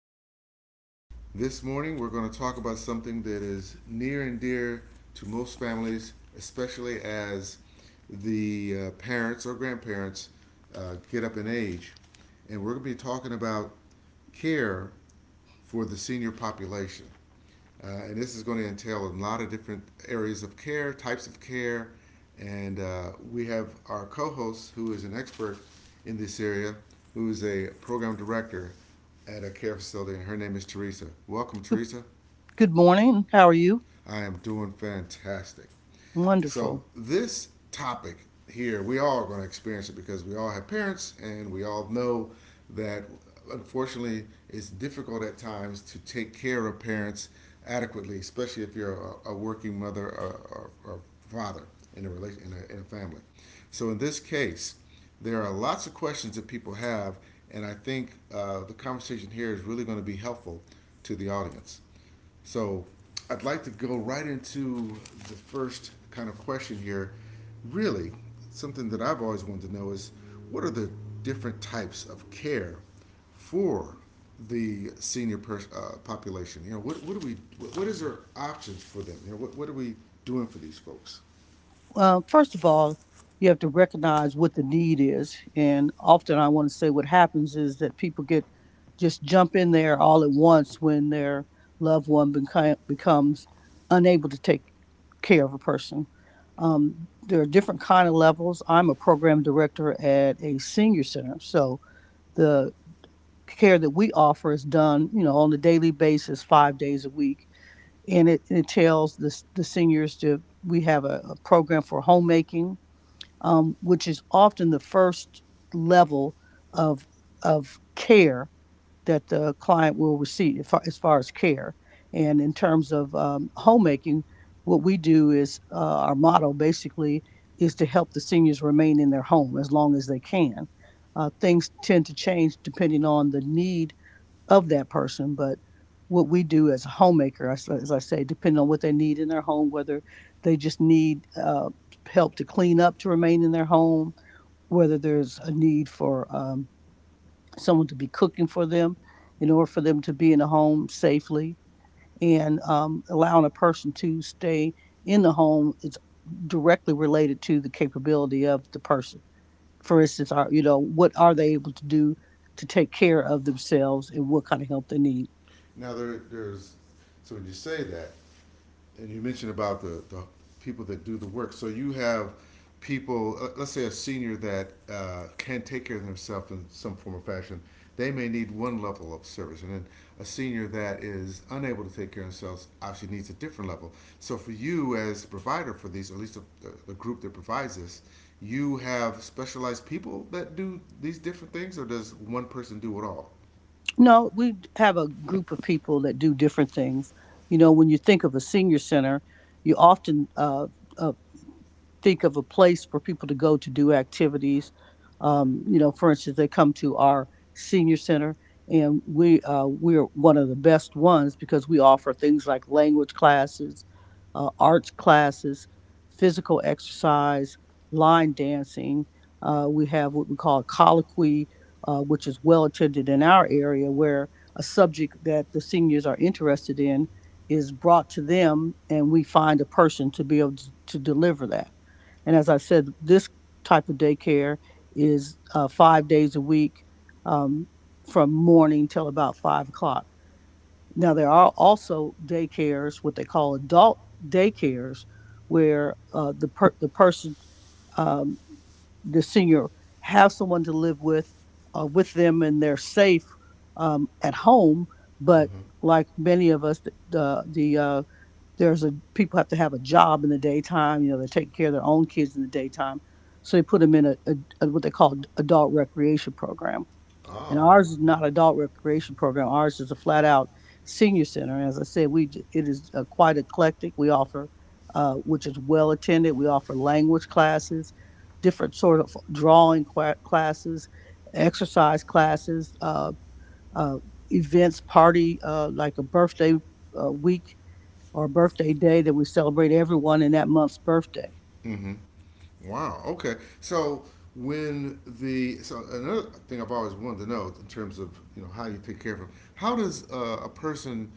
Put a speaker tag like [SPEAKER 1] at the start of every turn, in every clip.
[SPEAKER 1] podcast. This morning, we're going to talk about something that is near and dear to most families, especially as the parents or grandparents get up in age. And we're going to be talking about care for the senior population. And this is going to entail a lot of different areas of care, types of care. And we have our co host, who is an expert in this area, who is a program director at a care facility, and her name is Teresa. Welcome,
[SPEAKER 2] Good,
[SPEAKER 1] Teresa.
[SPEAKER 2] good morning. How are you?
[SPEAKER 1] I am doing fantastic. So
[SPEAKER 2] Wonderful.
[SPEAKER 1] this topic here, we all are going to experience it because we all have parents and we all know that unfortunately it's difficult at times to take care of parents adequately, especially if you're a working mother or father in a family. So in this case, there are lots of questions that people have, and I think the conversation here is really going to be helpful to the audience. So I'd like to go right into the first kind of question here. Really, something that I've always wanted to know is what are the different types of care for the population? You know, what do we, what is our options for them? You know, what are we doing for these folks?
[SPEAKER 2] First of all, you have to recognize what the need is. And often I want to say what happens is that people get just jump in there all at once when their loved one becomes unable to take care of a person. There are different kind of levels. I'm a program director at a senior center. So the care that we offer is done, you know, on a daily basis, 5 days a week, and it entails the seniors to we have a program for homemaking, which is often the first level of of care that the client will receive as far as care. And in terms of homemaking, what we do is our motto basically is to help the seniors remain in their home as long as they can. Things tend to change depending on the need of that person. But what we do as a homemaker, as I say, depending on what they need in their home, whether they just need help to clean up to remain in their home, whether there's a need for someone to be cooking for them in order for them to be in the home safely, and allowing a person to stay in the home is directly related to the capability of the person. For instance, are you know what are they able to do to take care of themselves and what kind of help they need?
[SPEAKER 1] Now so when you say that, and you mentioned about the people that do the work. So you have people, let's say a senior that can take care of themselves in some form or fashion. They may need one level of service, and then a senior that is unable to take care of themselves obviously needs a different level. So for you as provider for these, at least group that provides this, you have specialized people that do these different things, or does one person do it all?
[SPEAKER 2] No, we have a group of people that do different things. You know, when you think of a senior center, you often uh, think of a place for people to go to do activities. You know, for instance, they come to our senior center, and we're one of the best ones because we offer things like language classes, arts classes, physical exercise, line dancing. We have what we call a colloquy, which is well attended in our area, where a subject that the seniors are interested in is brought to them, and we find a person to be able to deliver that. And as I said, this type of daycare is 5 days a week, um, from morning till about 5 o'clock. Now, there are also daycares, what they call adult daycares, where the person, um, the senior, have someone to live with them, and they're safe, at home. But
[SPEAKER 1] Mm-hmm.
[SPEAKER 2] like many of us, the, there's a people have to have a job in the daytime. You know, they're taking care of their own kids in the daytime, so they put them in a what they call adult recreation program. And
[SPEAKER 1] Oh.
[SPEAKER 2] ours is not adult recreation program. Ours is a flat out senior center. And as I said, we it is quite eclectic. We offer, which is well attended. We offer language classes, different sort of drawing qua classes, exercise classes, uh, events, party, like a birthday week or birthday day that we celebrate everyone in that month's birthday.
[SPEAKER 1] Mm-hmm. Wow. Okay. So when the so another thing I've always wanted to know in terms of you know how you take care of them, how does a person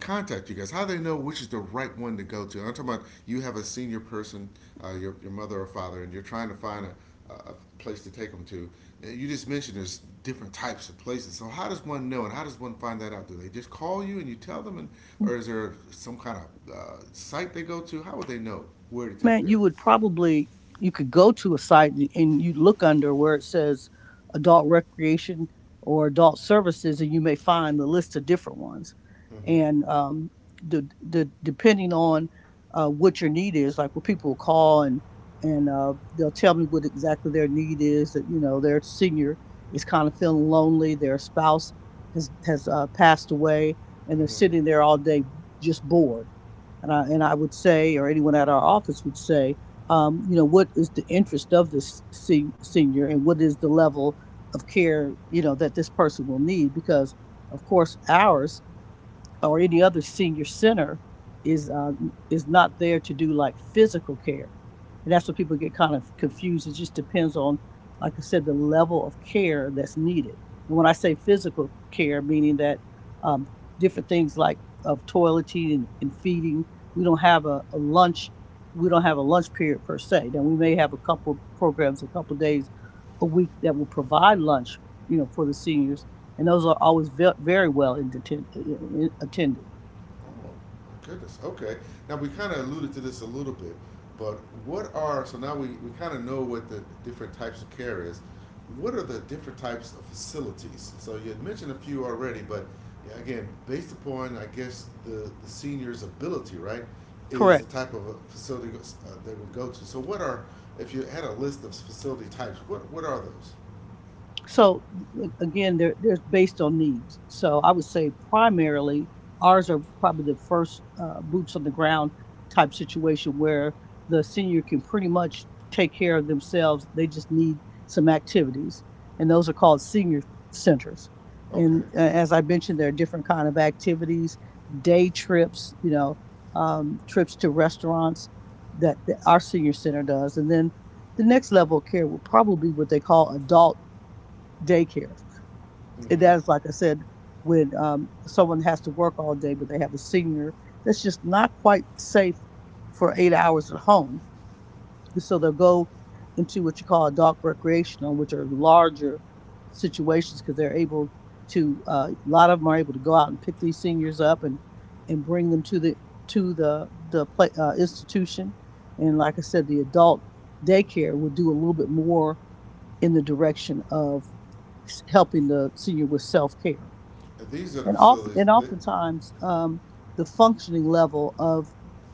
[SPEAKER 1] contact you guys? How do they know which is the right one to go to? And I'm talking about you have a senior person, your mother or father, and you're trying to find a place to take them to. You just mentioned there's different types of places. So how does one know, and how does one find that out? Do they just call you and you tell them, and or is there some kind of site they go to? How would they know where to take
[SPEAKER 2] Man,
[SPEAKER 1] their
[SPEAKER 2] you would
[SPEAKER 1] family?
[SPEAKER 2] probably you could go to a site and you look under where it says adult recreation or adult services, and you may find the list of different ones.
[SPEAKER 1] Mm-hmm.
[SPEAKER 2] And the depending on what your need is, like what people will call and they'll tell me what exactly their need is. That you know their senior is kind of feeling lonely, their spouse has passed away, and they're sitting there all day just bored. And I would say, or anyone at our office would say, you know, what is the interest of this senior, and what is the level of care, you know, that this person will need? Because, of course, ours or any other senior center is uh, is not there to do like physical care, and that's where people get kind of confused. It just depends on, like I said, the level of care that's needed. And when I say physical care, meaning that um, different things like of toileting and feeding, we don't have a lunch, we don't have a lunch period per se. Now we may have a couple programs, a couple days a week that will provide lunch, you know, for the seniors, and those are always very well in attended.
[SPEAKER 1] Oh, goodness. Okay. Now we kind of alluded to this a little bit, but what are so now we kind of know what the different types of care is. What are the different types of facilities? So you had mentioned a few already, but yeah, again, based upon I guess the senior's ability, right, is the
[SPEAKER 2] Correct.
[SPEAKER 1] type of a facility they would go to. So what are if you had a list of facility types, what are those?
[SPEAKER 2] So like, again, they're based on needs. So I would say primarily ours are probably the first boots on the ground type situation where the senior can pretty much take care of themselves. They just need some activities, and those are called senior centers.
[SPEAKER 1] Okay.
[SPEAKER 2] And as I mentioned, there are different kind of activities, day trips, you know, trips to restaurants that our senior center does, and then the next level of care will probably be what they call adult daycares. And
[SPEAKER 1] Mm-hmm.
[SPEAKER 2] that is, like I said, when someone has to work all day, but they have a senior that's just not quite safe for 8 hours at home. So they'll go into what you call adult recreational, which are larger situations because they're able to. A lot of them are able to go out and pick these seniors up and bring them to the play, institution. And like I said, the adult daycare will do a little bit more in the direction of helping the senior with self care,
[SPEAKER 1] And these are the
[SPEAKER 2] and often
[SPEAKER 1] facilities
[SPEAKER 2] and
[SPEAKER 1] that
[SPEAKER 2] oftentimes the functioning level of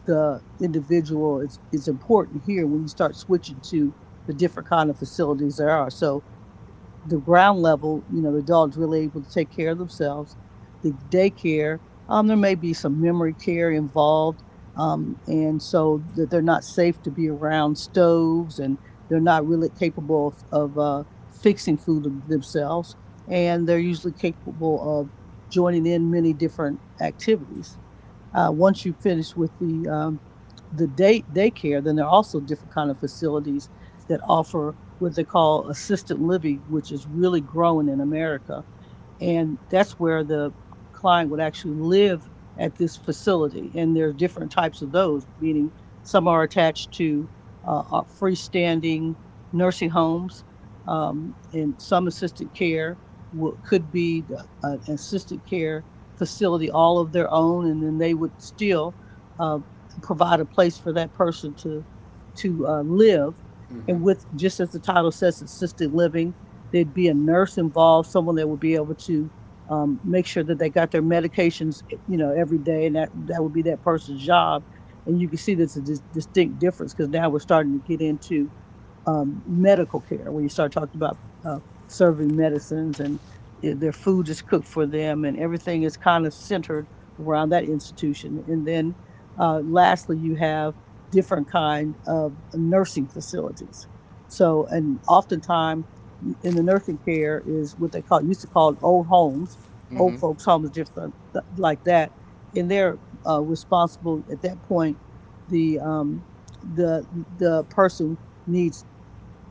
[SPEAKER 2] the individual is important here when you start switching to the different kind of facilities there are. So the ground level, you know, the dog's really able to take care of themselves. The daycare, there may be some memory care involved, and so that they're not safe to be around stoves, and they're not really capable of fixing food themselves, and they're usually capable of joining in many different activities. Once you finish with the daycare, then there are also different kind of facilities that offer what they call assisted living, which is really growing in America, and that's where the client would actually live at this facility. And there's different types of those, meaning some are attached to freestanding nursing homes, and some assisted care will, could be an assisted care facility all of their own, and then they would still uh, provide a place for that person to live.
[SPEAKER 1] Uhum.
[SPEAKER 2] And with just as the title says, assisted living, there'd be a nurse involved, someone that would be able to make sure that they got their medications, eh, you know, every day, and that that would be that person's job. And you can see there's a distinct difference because now we're starting to get into medical care when you start talking about uh, serving medicines and eh, their food is cooked for them and everything is kind of centered around that institution, and then lastly you have different kind of nursing facilities. So and oftentimes in the nursing care is what they call used to call old homes, old
[SPEAKER 1] Uhum.
[SPEAKER 2] folks homes, different like that, and they're responsible at that point the the person needs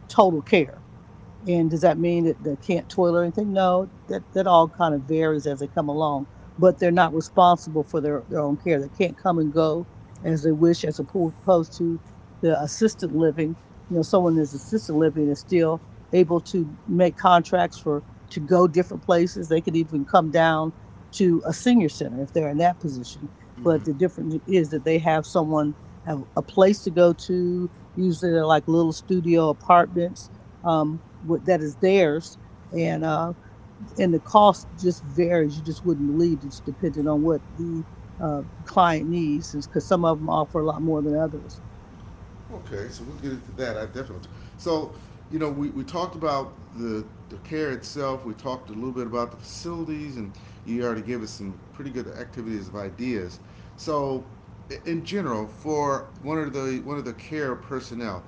[SPEAKER 2] total care. And does that mean that they can't toil or anything? No, that all kind of varies as they come along. But they're not responsible for their own care. They can't come and go as they wish, as opposed to the assisted living. You know, someone that's assisted living is still able to make contracts for to go different places. They could even come down to a senior center if they're in that position. But
[SPEAKER 1] Uhum.
[SPEAKER 2] the difference is that they have someone have a place to go to. Usually, they're like little studio apartments, what, that is theirs. And uh, and the cost just varies. You just wouldn't believe it's dependent on what the client needs, because some of them offer a lot more than others.
[SPEAKER 1] Okay, so we'll get into that. I definitely. So, you know, we talked about the care itself. We talked a little bit about the facilities, and you already gave us some pretty good activities of ideas. So, In general, for one of the care personnel,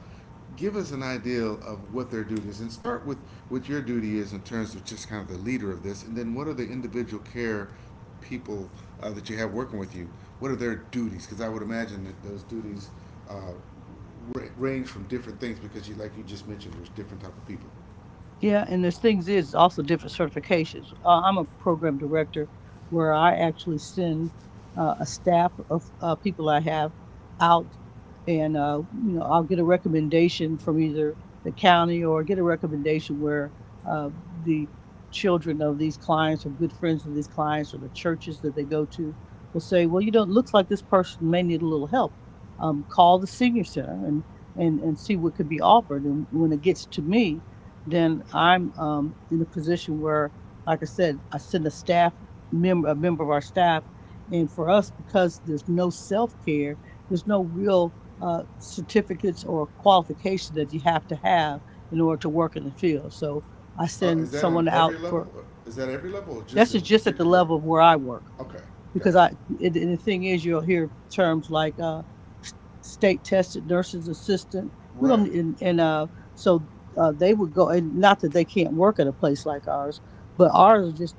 [SPEAKER 1] give us an idea of what their duty is, and start with what your duty is in terms of just kind of the leader of this, and then what are the individual care people that you have working with you? What are their duties? Because I would imagine that those duties uh, range from different things because you like you just mentioned there's different type of people
[SPEAKER 2] Yeah, and there's things is also different certifications. I'm a program director where I actually send a staff of people I have out, and you know I'll get a recommendation from either the county or get a recommendation where uh, the children of these clients or good friends of these clients or the churches that they go to will say, well, you know, it looks like this person may need a little help. Call the senior center and see what could be offered. And when it gets to me, then I'm in a position where, like I said, I send a staff member, a member of our staff. And for us, because there's no self care, there's no real certificates or qualification that you have to have in order to work in the field. So I
[SPEAKER 1] is
[SPEAKER 2] send
[SPEAKER 1] that on
[SPEAKER 2] someone out
[SPEAKER 1] every level?
[SPEAKER 2] for.
[SPEAKER 1] Is that every level or just
[SPEAKER 2] This
[SPEAKER 1] in
[SPEAKER 2] is just at the
[SPEAKER 1] particular you are?
[SPEAKER 2] level of where I work
[SPEAKER 1] Okay.
[SPEAKER 2] because
[SPEAKER 1] Gotcha.
[SPEAKER 2] I and the thing is you'll hear terms like state tested nurses assistant. We don't,
[SPEAKER 1] Right.
[SPEAKER 2] and so they would go. And not that they can't work at a place like ours, but ours are just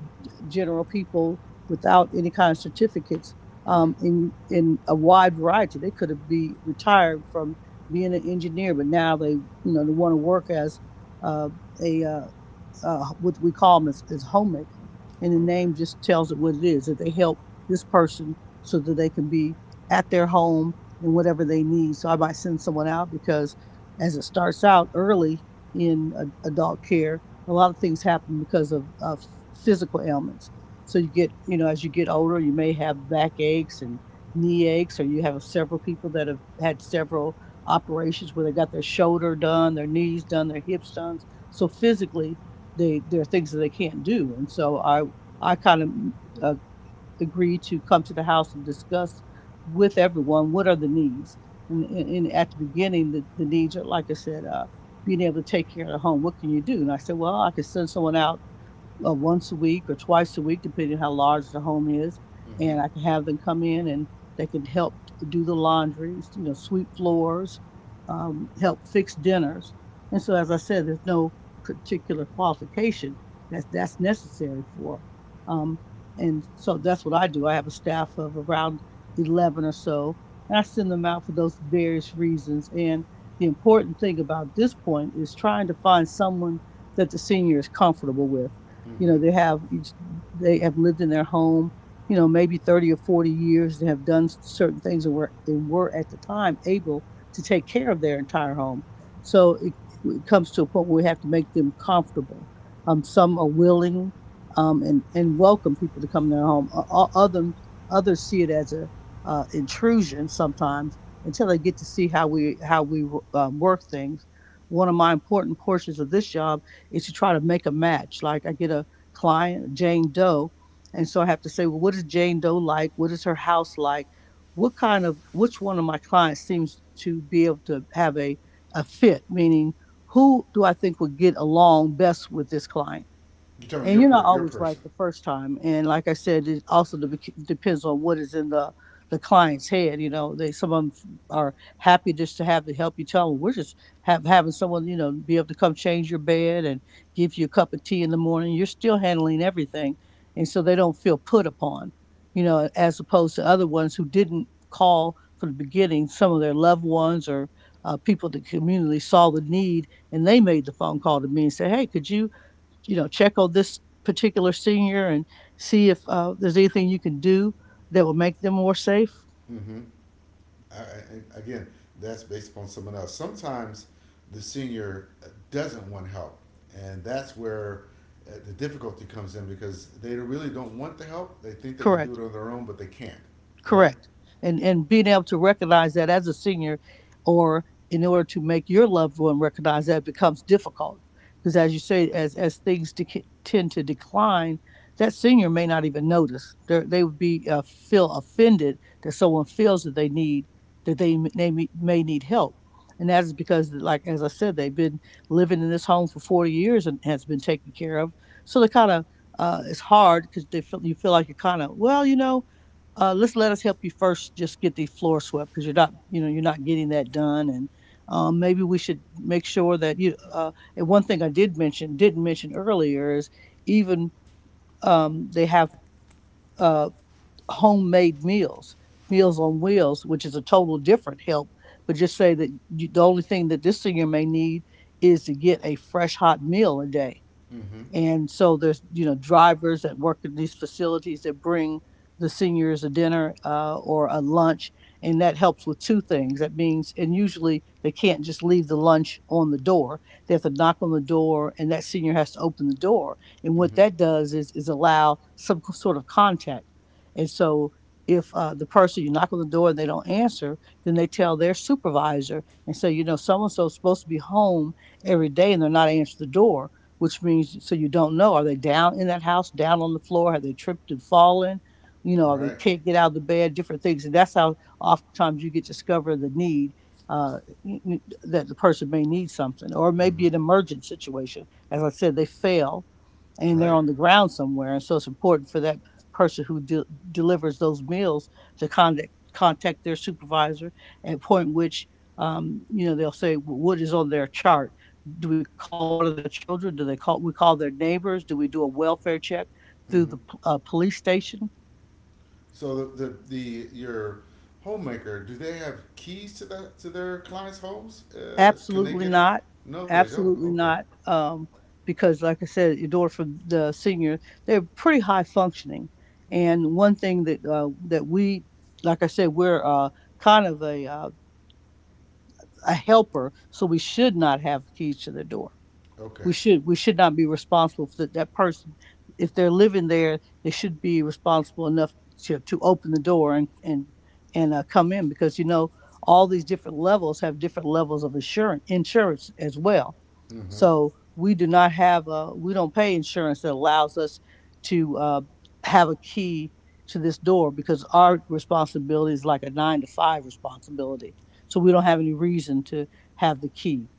[SPEAKER 2] general people without any kind of certificates,
[SPEAKER 1] Mm-hmm.
[SPEAKER 2] in a wide variety. They could have be retired from being an engineer, but now they, you know, they want to work as uh, a what we call them, as homemaker. And the
[SPEAKER 1] Okay.
[SPEAKER 2] name just tells it what it is, that they help this person so that they can be at their home and whatever they need. So I might send someone out because as it starts out early in a, adult care, a lot of things happen because of physical ailments. So you get, you know, as you get older, you may have back aches and knee aches, or you have several people that have had several operations where they got their shoulder done, their knees done, their hips done. So physically, they there are things that they can't do, and so I kind of uh, agreed to come to the house and discuss with everyone what are the needs. And, and at the beginning the needs are, like I said, being able to take care of the home. What can you do? And I said, well, I could send someone out once a week or twice a week, depending on how large the home is.
[SPEAKER 1] Mm-hmm.
[SPEAKER 2] And I can have them come in and they can help do the laundry, you know, sweep floors, help fix dinners. And so, as I said, there's no particular qualification that that's necessary for. Um, and so that's what I do. I have a staff of around 11 or so, and I send them out for those various reasons. And the important thing about this point is trying to find someone that the senior is comfortable with. You know,
[SPEAKER 1] Mm-hmm.
[SPEAKER 2] they have, they have lived in their home, you know, maybe 30 or 40 years. They have done certain things and were, and were at the time able to take care of their entire home. So it comes to a point where we have to make them comfortable. Some are willing, and welcome people to come in their home. Other, others see it as a intrusion sometimes until they get to see how we work things. One of my important portions of this job is to try to make a match. Like I get a client, Jane Doe. And so I have to say, well, what is Jane Doe like? What is her house like? What kind of, which one of my clients seems to be able to have a fit, meaning who do I think would get along best with this client?
[SPEAKER 1] You tell me
[SPEAKER 2] And
[SPEAKER 1] you're
[SPEAKER 2] you're
[SPEAKER 1] talking
[SPEAKER 2] not
[SPEAKER 1] about your
[SPEAKER 2] always right
[SPEAKER 1] person.
[SPEAKER 2] the first time, and like I said, it also depends on what is in the client's head. You know, they, some of them are happy just to have the help. You tell them we're just having someone, you know, be able to come change your bed and give you a cup of tea in the morning. You're still handling everything, and so they don't feel put upon. You know, as opposed to other ones who didn't call from the beginning, some of their loved ones or people that community saw the need and they made the phone call to me and said, hey, could you, you know, check on this particular senior and see if there's anything you can do that will make them more safe.
[SPEAKER 1] Mm-hmm. Again, that's based upon someone else. Sometimes the senior doesn't want help, and that's where the difficulty comes in because they really don't want the help. They think they can do it
[SPEAKER 2] Correct.
[SPEAKER 1] on their own, but they can't. Right?
[SPEAKER 2] Correct. And being able to recognize that as a senior, or in order to make your loved one recognize that, becomes difficult. Because as you say, as things dec tend to decline, that senior may not even notice. They're, they would be feel offended that someone feels that they need, that they may need help. And that is because, like as I said, they've been living in this home for 40 years and has been taken care of. So they kind of it's hard because they feel, you feel like you're kind of, well, you know, let's, let us help you first just get the floor swept because you're not, you know, you're not getting that done. And maybe we should make sure that you and one thing I didn't mention earlier is even they have uh, homemade meals, meals on wheels, which is a total different help. But just say that you, the only thing that this senior may need is to get a fresh hot meal a day.
[SPEAKER 1] Mm-hmm.
[SPEAKER 2] And so there's, you know, drivers that work in these facilities that bring the seniors a dinner or a lunch. And that helps with two things. That means, and usually they can't just leave the lunch on the door. They have to knock on the door and that senior has to open the door. And what
[SPEAKER 1] Mm-hmm.
[SPEAKER 2] that does is allow some sort of contact. And so if the person, you knock on the door and they don't answer, then they tell their supervisor and say, you know, so-and-so is supposed to be home every day and they're not answering the door, which means, so you don't know, are they down in that house, down on the floor, have they tripped and fallen? You know, are they,
[SPEAKER 1] Right.
[SPEAKER 2] can't get out of the bed, different things, and that's how oftentimes you get to discover the need, uh, that the person may need something, or
[SPEAKER 1] Mm-hmm.
[SPEAKER 2] maybe an emergent situation. As I said, they fail and they're
[SPEAKER 1] Right.
[SPEAKER 2] on the ground somewhere. And so it's important for that person who delivers those meals to contact their supervisor at a point which, you know, they'll say, "Well, what is on their chart. Do we call one of their children? Do they call we call their neighbors? Do we do a welfare check through the
[SPEAKER 1] Mm-hmm.
[SPEAKER 2] police station?"
[SPEAKER 1] So the your homemaker, do they have keys to that to their clients' homes? Can they
[SPEAKER 2] Absolutely
[SPEAKER 1] get in?
[SPEAKER 2] not.
[SPEAKER 1] No, they don't.
[SPEAKER 2] Absolutely
[SPEAKER 1] Okay.
[SPEAKER 2] not. Because, like I said, your daughter for the senior, they're pretty high functioning. And one thing that that we, like I said, we're kind of a helper, so we should not have keys to the door.
[SPEAKER 1] Okay.
[SPEAKER 2] We should not be responsible for that, that person. If they're living there, they should be responsible enough to open the door and come in. Because, you know, all these different levels have different levels of insurance as well.
[SPEAKER 1] Mm-hmm.
[SPEAKER 2] So we do not have, we don't pay insurance that allows us to have a key to this door, because our responsibility is like a nine to five responsibility. So we don't have any reason to have the key.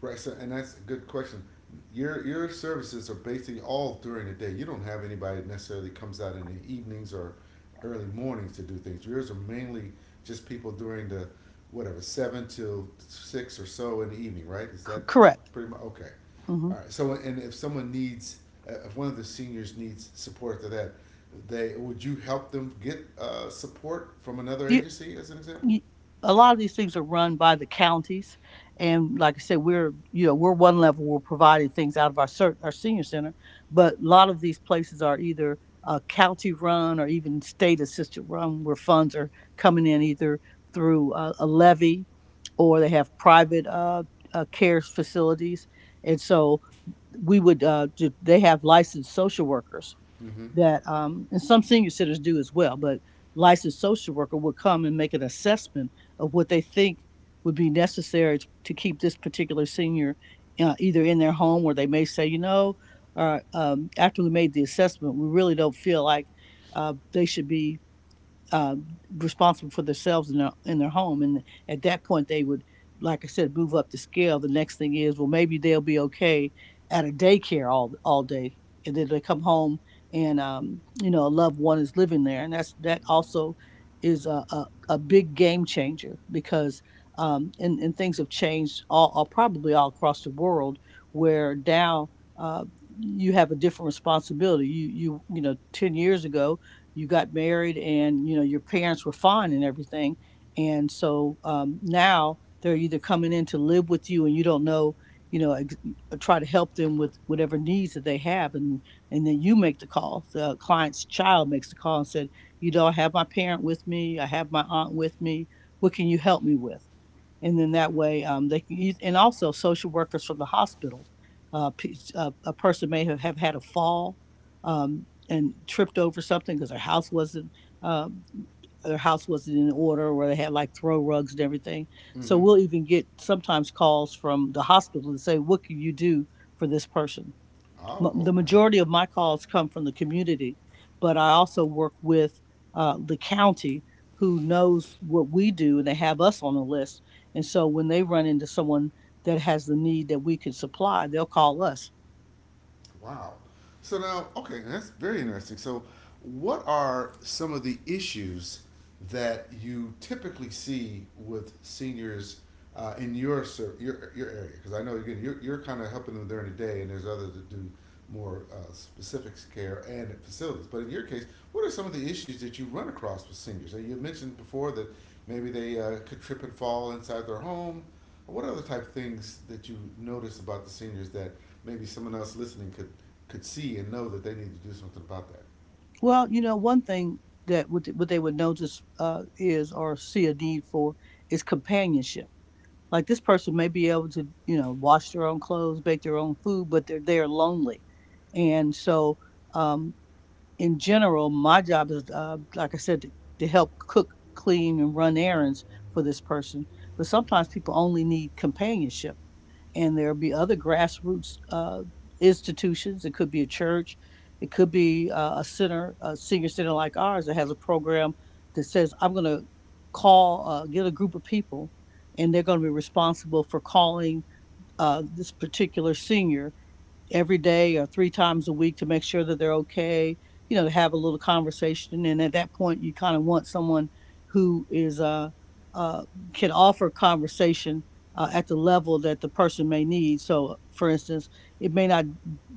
[SPEAKER 1] Right. So, and that's a good question. Your services are basically all during the day. You don't have anybody that necessarily comes out in the evenings or early mornings to do things. Yours are mainly just people during the whatever seven till six or so in the evening. Right? Is
[SPEAKER 2] C-
[SPEAKER 1] that
[SPEAKER 2] correct.
[SPEAKER 1] pretty much okay?
[SPEAKER 2] Hmm.
[SPEAKER 1] All right. So, and if someone needs, if one of the seniors needs support to that, they would you help them get support from another
[SPEAKER 2] You,
[SPEAKER 1] agency, as an example?
[SPEAKER 2] you, a lot of these things are run by the counties, and like I said, we're, you know, we're one level. We're providing things out of our our senior center, but a lot of these places are either county run or even state assisted run, where funds are coming in either through a levy, or they have private care facilities. And so we would they have licensed social workers
[SPEAKER 1] Mm-hmm.
[SPEAKER 2] that and some senior centers do as well, but licensed social worker would come and make an assessment of what they think would be necessary to keep this particular senior either in their home. Or they may say, you know, after we made the assessment we really don't feel like they should be uh, responsible for themselves in their home. And at that point, they would, like I said, move up the scale. The next thing is, well, maybe they'll be okay at a daycare all day, and then they come home. And you know, a loved one is living there, and that's, that also is a a big game changer because. And things have changed all probably all across the world where now uh, you have a different responsibility. You know, 10 years ago you got married and you know your parents were fine and everything, and so now they're either coming in to live with you and you don't know. you know ex- Try to help them with whatever needs that they have, and then you make the call, the client's child makes the call and said, "You know, I have my parent with me, I have my aunt with me, what can you help me with?" And then that way they can use, and also social workers from the hospital. A person may have had a fall, and tripped over something because their house wasn't, um, their house wasn't in order, or they had like throw rugs and everything. So
[SPEAKER 1] Mm-hmm.
[SPEAKER 2] we'll even get sometimes calls from the hospital to say, "What can you do for this person?"
[SPEAKER 1] Oh,
[SPEAKER 2] The
[SPEAKER 1] okay.
[SPEAKER 2] majority of my calls come from the community, but I also work with the county, who knows what we do, and they have us on the list. And so when they run into someone that has the need that we can supply, they'll call us.
[SPEAKER 1] Wow. So now, okay, that's very interesting. So, what are some of the issues that you typically see with seniors in your area? Because I know again, you're kind of helping them during the day, and there's others that do more specific care and facilities. But in your case, what are some of the issues that you run across with seniors? And you mentioned before that maybe they could trip and fall inside their home. What other type of things that you notice about the seniors that maybe someone else listening could see and know that they need to do something about that,
[SPEAKER 2] Well, you know, one thing that what they would notice is or see a need for is companionship. Like, this person may be able to, you know, wash their own clothes, bake their own food, but they're lonely, and so. Um, in general, my job is, like I said, to help cook, clean, and run errands for this person. But sometimes people only need companionship, and there'll be other grassroots institutions. It could be a church, it could be a center, a senior center like ours that has a program that says, "I'm going to call, get a group of people, and they're going to be responsible for calling." This particular senior every day or three times a week to make sure that they're okay, you know, to have a little conversation. And at that point, you kind of want someone who is, uh, can offer conversation at the level that the person may need. So, for instance, it may not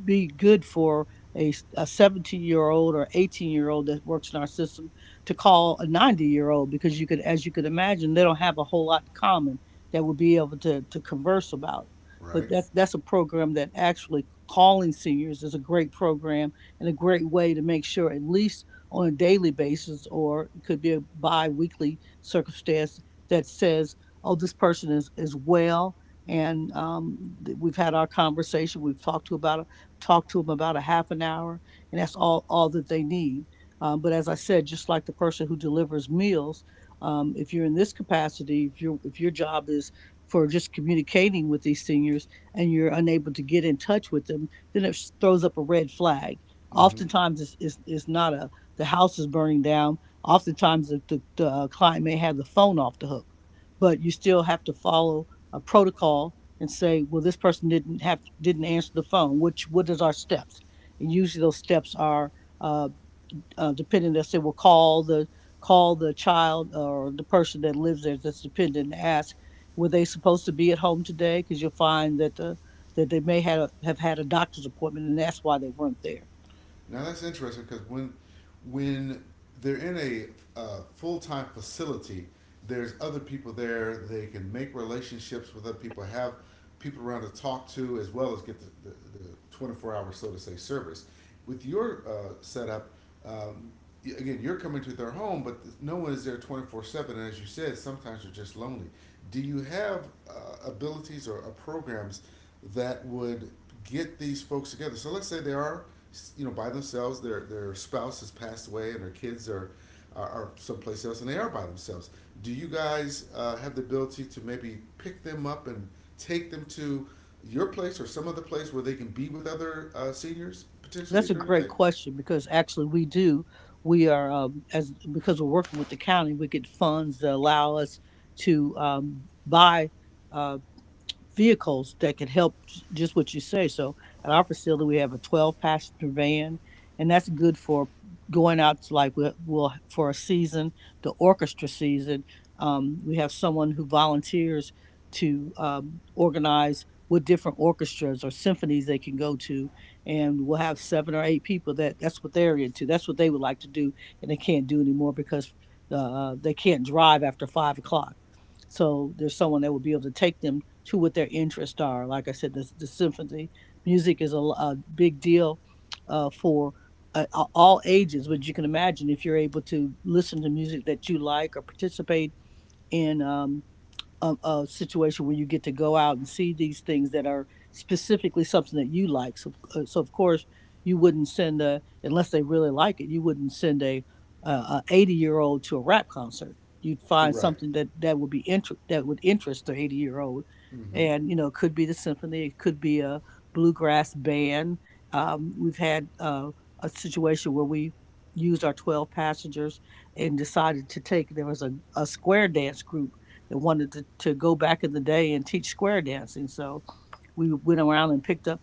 [SPEAKER 2] be good for a 17-year-old or 18-year-old that works in our system to call a 90-year old, because you could, as you could imagine, they don't have a whole lot in common that would be able to converse about. But
[SPEAKER 1] right?
[SPEAKER 2] that's a program that, actually, calling seniors is a great program and a great way to make sure, at least on a daily basis, or it could be a bi-weekly circumstance, that says, "Oh, this person is well," and we've had our conversation, we've talked to them about a half an hour, and that's all that they need. But as I said, just like the person who delivers meals, if you're in this capacity, if your job is for just communicating with these seniors, and you're unable to get in touch with them, then it throws up a red flag.
[SPEAKER 1] Mm-hmm.
[SPEAKER 2] Oftentimes, it's not a the house is burning down. Oftentimes, the client may have the phone off the hook, but you still have to follow a protocol and say, "Well, this person didn't answer the phone. Which, what is our steps?" And usually, those steps are uh, dependent, that said, will call the child or the person that lives there that's dependent and ask, "Were they supposed to be at home today?" Because you'll find that the that they may have had a doctor's appointment, and that's why they weren't there.
[SPEAKER 1] Now that's interesting because when they're in a full time facility, there's other people there. They can make relationships with other people, have people around to talk to, as well as get the 24 hour, so to say, service. With your setup, um, again, you're coming to their home, but no one is there 24/7. And as you said, sometimes you're just lonely. Do you have abilities or programs that would get these folks together? So let's say they are, you know, by themselves, their spouse has passed away and their kids are, are someplace else and they are by themselves. Do you guys have the ability to maybe pick them up and take them to your place or some other place where they can be with other seniors potentially
[SPEAKER 2] That's a
[SPEAKER 1] during the
[SPEAKER 2] great
[SPEAKER 1] day?
[SPEAKER 2] question, because actually we do. We are as because we're working with the county, we get funds that allow us to buy uh, vehicles that could help just what you say. So at our facility, we have a 12 passenger van, and that's good for going out to, like, we'll for a season, the orchestra season. We have someone who volunteers to organize with different orchestras or symphonies they can go to, and we'll have seven or eight people that that's what they're into. That's what they would like to do, and they can't do anymore because they can't drive after 5 o'clock. So there's someone that would be able to take them to what their interests are. Like I said, the symphony music is a big deal for uh, all ages. But you can imagine, if you're able to listen to music that you like or participate in. A, a situation where you get to go out and see these things that are specifically something that you like. So, so of course, you wouldn't send a, unless they really like it. You wouldn't send a 80 year old to a rap concert. You'd find
[SPEAKER 1] Right.
[SPEAKER 2] something that that would interest the 80 year old,
[SPEAKER 1] Mm-hmm.
[SPEAKER 2] and you know, it could be the symphony, it could be a bluegrass band. We've had a situation where we used our 12 passengers and decided to take, there was a square dance group that wanted to go back in the day and teach square dancing. So we went around and picked up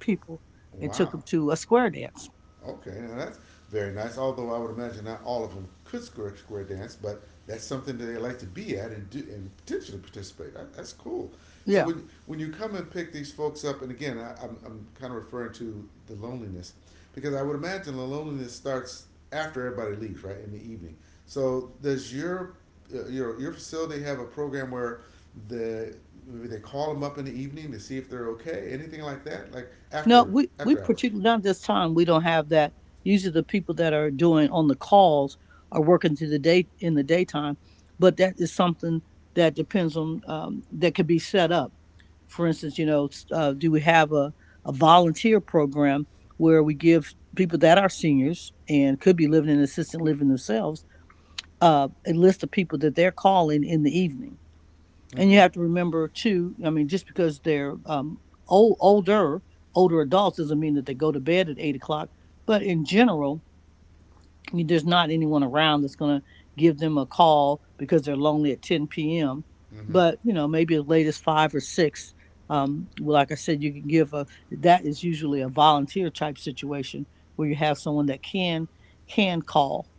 [SPEAKER 2] people and took
[SPEAKER 1] Wow.
[SPEAKER 2] them to a square dance.
[SPEAKER 1] Okay, now that's very nice. Although I would imagine not all of them could square square dance, but that's something that they like to be at and do and potentially participate. That- That's cool. So
[SPEAKER 2] Yeah.
[SPEAKER 1] when you come and pick these folks up, and again, I'm kind of referring to the loneliness because I would imagine the loneliness starts after everybody leaves, right in the evening. So does your your facility have a program where the maybe they call them up in the evening to see if they're okay, anything like that, like
[SPEAKER 2] No, we
[SPEAKER 1] after hours?
[SPEAKER 2] particularly, not this time, we don't have that. Usually the people that are doing on the calls are working through the day in the daytime, but that is something that depends on, that could be set up. For instance, you know, do we have a volunteer program where we give people that are seniors and could be living in assisted living themselves, a list of people that they're calling in the evening? And you
[SPEAKER 1] Mm-hmm.
[SPEAKER 2] have to remember too. I mean, just because they're old, older, older adults, doesn't mean that they go to bed at 8 o'clock. But in general, I mean, there's not anyone around that's going to give them a call because they're lonely at 10 p.m.
[SPEAKER 1] Mm-hmm.
[SPEAKER 2] But you know, maybe the latest five or six. Well, like I said, you can give a. That is usually a volunteer type situation where you have someone that can call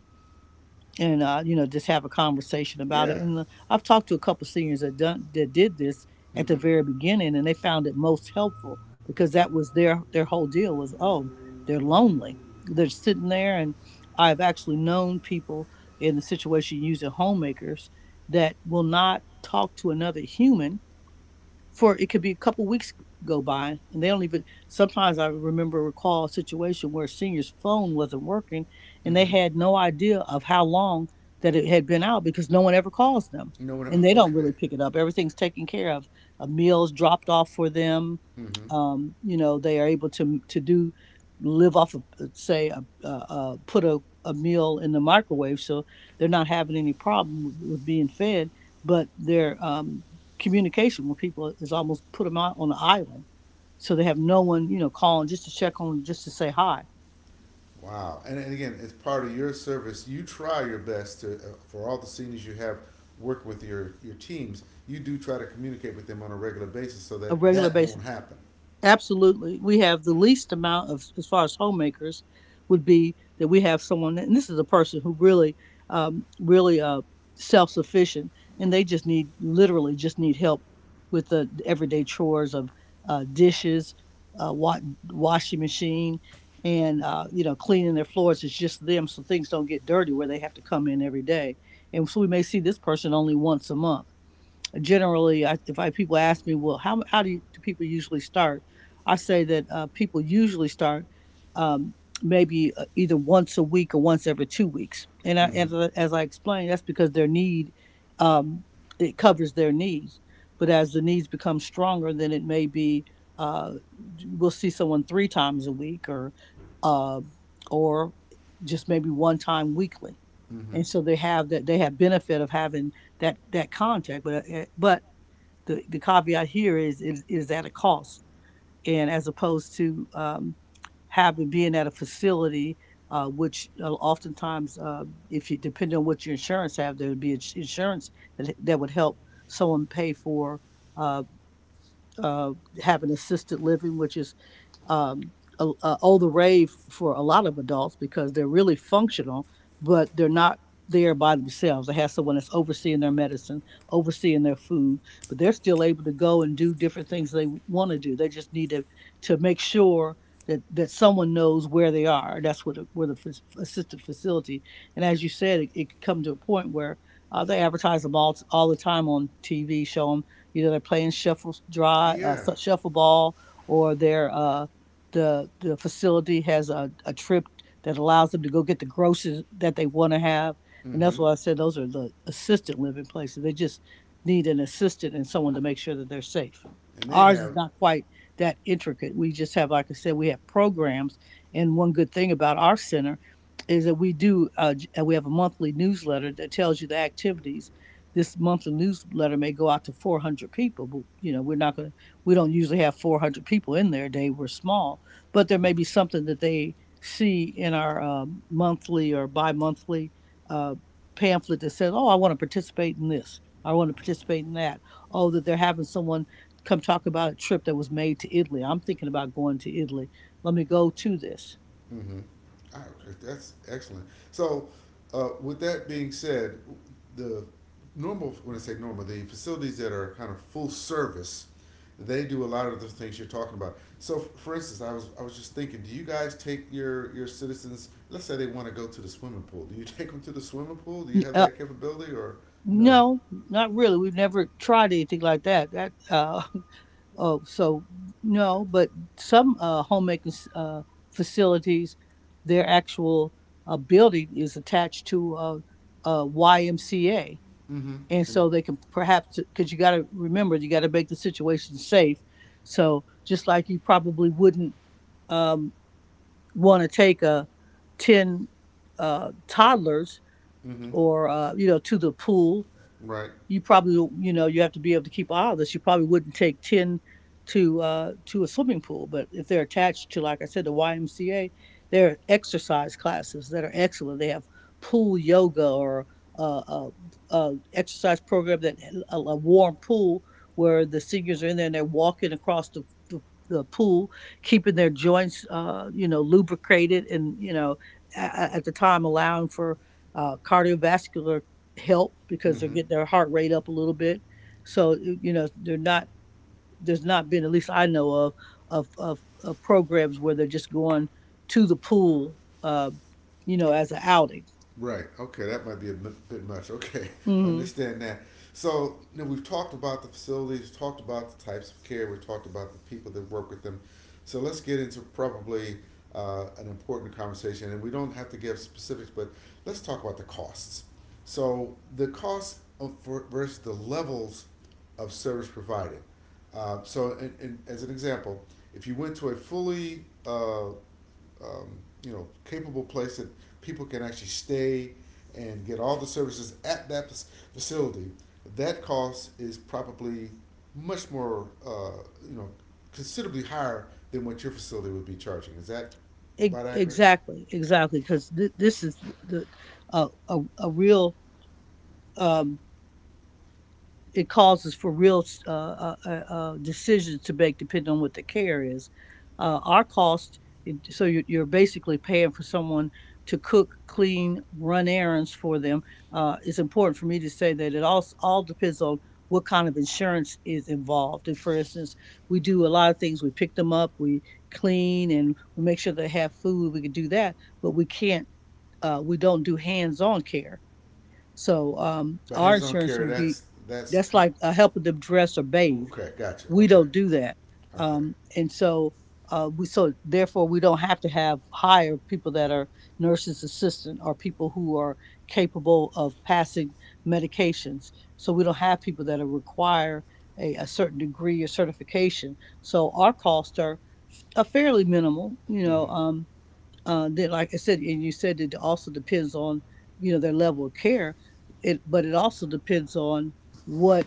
[SPEAKER 2] and you know, just have a conversation about it.
[SPEAKER 1] Yeah.
[SPEAKER 2] And I've talked to a couple of seniors that done that did this at the
[SPEAKER 1] Mm-hmm.
[SPEAKER 2] very beginning, and they found it most helpful, because that was their whole deal, was, oh, they're lonely, they're sitting there. And I've actually known people in the situation using homemakers that will not talk to another human for, it could be a couple weeks go by, and they don't even sometimes, I remember recall a situation where a senior's phone wasn't working and they
[SPEAKER 1] Mm-hmm.
[SPEAKER 2] had no idea of how long that it had been out, because no one ever calls them
[SPEAKER 1] You know what?
[SPEAKER 2] and they don't
[SPEAKER 1] Okay.
[SPEAKER 2] really pick it up. Everything's taken care of, a meal's dropped off for them.
[SPEAKER 1] Mm-hmm.
[SPEAKER 2] You know, they are able to do, live off of, put a meal in the microwave, so they're not having any problem with being fed. But they're communication when people is almost put them out on the island, so they have no one, you know, calling just to check on, just to say hi.
[SPEAKER 1] Wow. And again, it's part of your service. You try your best to, for all the seniors you have work with your teams, you do try to communicate with them on a regular basis so
[SPEAKER 2] A
[SPEAKER 1] that
[SPEAKER 2] regular
[SPEAKER 1] that won't
[SPEAKER 2] basis.
[SPEAKER 1] happen.
[SPEAKER 2] Absolutely. We have the least amount of, as far as homemakers, would be that we have someone, and this is a person who really, really self sufficient, and they just need, literally, just need help with the everyday chores of dishes, uh, wa- washing machine, and, you know, cleaning their floors. It's just them, so things don't get dirty where they have to come in every day. And so we may see this person only once a month. Generally, I, if I people ask me, well, how do, you, do people usually start? I say that people usually start um, maybe either once a week or once every 2 weeks. And I,
[SPEAKER 1] Mm-hmm.
[SPEAKER 2] as, as I explained, that's because their need, um, it covers their needs. But as the needs become stronger, then it may be, uh, we'll see someone three times a week, or uh, or just maybe one time weekly.
[SPEAKER 1] Mm-hmm.
[SPEAKER 2] And so they have that, they have benefit of having that contact. But the caveat here is at a cost, and as opposed to having being at a facility, which oftentimes, if you, depending on what your insurance have, there would be insurance that, that would help someone pay for uh, uh, having assisted living, which is um, a, all the rave for a lot of adults, because they're really functional, but they're not there by themselves. They have someone that's overseeing their medicine, overseeing their food, but they're still able to go and do different things they want to do. They just need to make sure that that someone knows where they are. That's what where the assisted facility. And as you said, it could come to a point where they advertise them all the time on TV. Show them, you know, they're playing shuffle dry,
[SPEAKER 1] Yeah.
[SPEAKER 2] shuffle ball, or they're the facility has a trip that allows them to go get the groceries that they want to have. And that's
[SPEAKER 1] Mm-hmm.
[SPEAKER 2] why I said those are the assisted living places. They just need an assistant and someone to make sure that they're safe.
[SPEAKER 1] And they
[SPEAKER 2] Ours is
[SPEAKER 1] have.
[SPEAKER 2] not quite that intricate. We just have, like I said, we have programs, and one good thing about our center is that we have a monthly newsletter that tells you the activities. This monthly newsletter may go out to 400 people, but you know, we're not going to we don't usually have 400 people in there a day. We're small, but there may be
[SPEAKER 1] Mm-hmm.
[SPEAKER 2] something that they see in our monthly or bi-monthly uh, pamphlet that says, oh, I want to participate in this, I want to participate in that. Oh, that they're having someone come talk about a trip that was made to Italy. I'm thinking about going to Italy, let me go to this.
[SPEAKER 1] Mm-hmm. All right, that's excellent. So, with that being said, the normal, when I say normal, the facilities that are kind of full service, they do a lot of the things you're talking about. So, for instance, I was just thinking, do you guys take your citizens? Let's say they want to go to the swimming pool. Do you take them to the swimming pool? Do you have
[SPEAKER 2] uh,
[SPEAKER 1] that capability or no?
[SPEAKER 2] no, not really, we've never tried anything like that. Oh, so no, but some homemaking facilities, their actual building is attached to a YMCA,
[SPEAKER 1] Mm-hmm.
[SPEAKER 2] and
[SPEAKER 1] And
[SPEAKER 2] so they can, perhaps, because you got to remember, you got to make the situation safe. So just like you probably wouldn't um, want to take a ten toddlers
[SPEAKER 1] mm-hmm.
[SPEAKER 2] or you know, to the pool.
[SPEAKER 1] Right.
[SPEAKER 2] You probably, you know, you have to be able to keep all of this. You probably wouldn't take ten to a swimming pool, but if they're attached to, like I said, the YMCA, there are exercise classes that are excellent. They have pool yoga or uh, uh, exercise program that a warm pool where the seniors are in there and they're walking across the the pool, keeping their joints, you know, lubricated, and you know, a- at the time allowing for cardiovascular help because they're
[SPEAKER 1] Mm-hmm.
[SPEAKER 2] getting their heart rate up a little bit. So you know, they're not. There's not been, at least I know of, of programs where they're just going to the pool, you know, as an outing.
[SPEAKER 1] Right. Okay, that might be a bit much. Okay,
[SPEAKER 2] Hmm.
[SPEAKER 1] understand that. So you know, we've talked about the facilities, talked about the types of care, we talked about the people that work with them. So let's get into probably an important conversation, and we don't have to give specifics, but let's talk about the costs. So the costs of, for, versus the levels of service provided. As an example, if you went to a fully capable place that people can actually stay and get all the services at that facility, that cost is probably much more, you know, considerably higher than what your facility would be charging. Is that about accurate?
[SPEAKER 2] Exactly, exactly, because this is the a real. Um, it causes for real decisions to make depending on what the care is. Our cost, so you're basically paying for someone to cook, clean, run errands for them. It's important for me to say that it all depends on what kind of insurance is involved. And for instance, we do a lot of things. We pick them up, we clean, and we make sure they have food. We can do that, but we can't. We don't do hands-on care, so
[SPEAKER 1] But
[SPEAKER 2] our
[SPEAKER 1] hands-on
[SPEAKER 2] insurance
[SPEAKER 1] care,
[SPEAKER 2] will be, that's like helping them dress or bathe.
[SPEAKER 1] okay. Gotcha.
[SPEAKER 2] We
[SPEAKER 1] Okay.
[SPEAKER 2] don't do that,
[SPEAKER 1] Okay.
[SPEAKER 2] and so we, so therefore we don't have to have hire people that are nurses assistant or people who are capable of passing medications. So we don't have people that are require a certain degree or certification. So our costs are fairly minimal. You know,
[SPEAKER 1] Mhm.
[SPEAKER 2] then like I said, and you said it also depends on, you know, their level of care. It but it also depends on what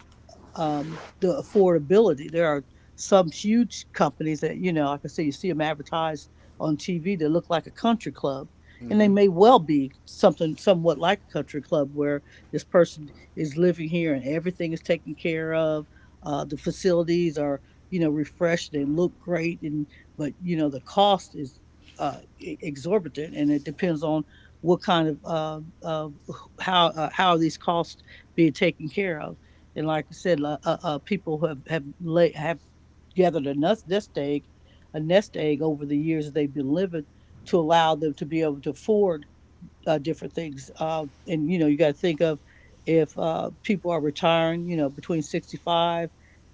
[SPEAKER 2] the affordability. There are some huge companies that, you know, like I say, you see them advertised on TV that look like a country club, and they
[SPEAKER 1] Mhm.
[SPEAKER 2] may well be something somewhat like a country club where this person is living here and everything is taken care of. The facilities are, you know, refreshed and look great, and but you know the cost is exorbitant, and it depends on what kind of how are these costs being taken care of. And like I said, people who have have gathered a nest egg, a nest egg over the years they've been living to allow them to be able to afford different things. And you know, you got to think of, if people are retiring, you know, between 65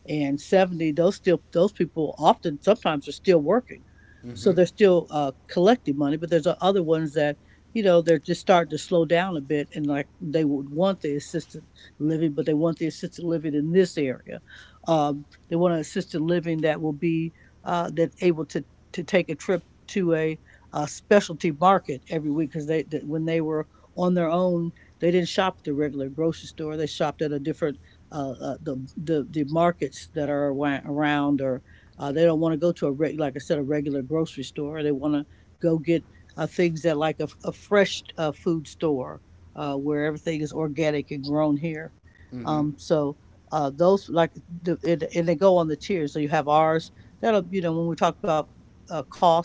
[SPEAKER 2] and 70, those still, those people often sometimes are still working, so
[SPEAKER 1] Mhm.
[SPEAKER 2] they're still collecting money. But there's other ones that, you know, they're just starting to slow down a bit, and like they would want the assisted living, but they want the assisted living in this area. They want an assisted living that will be that able to take a trip to a specialty market every week because they, when they were on their own they didn't shop at the regular grocery store, they shopped at a different the markets that are around, or they don't want to go to a like I said, a regular grocery store, they want to go get things at like a fresh food store where everything is organic and grown here.
[SPEAKER 1] Mhm.
[SPEAKER 2] um, so those like and they go on the tiers, so you have ours that'll, you know, when we talk about cost.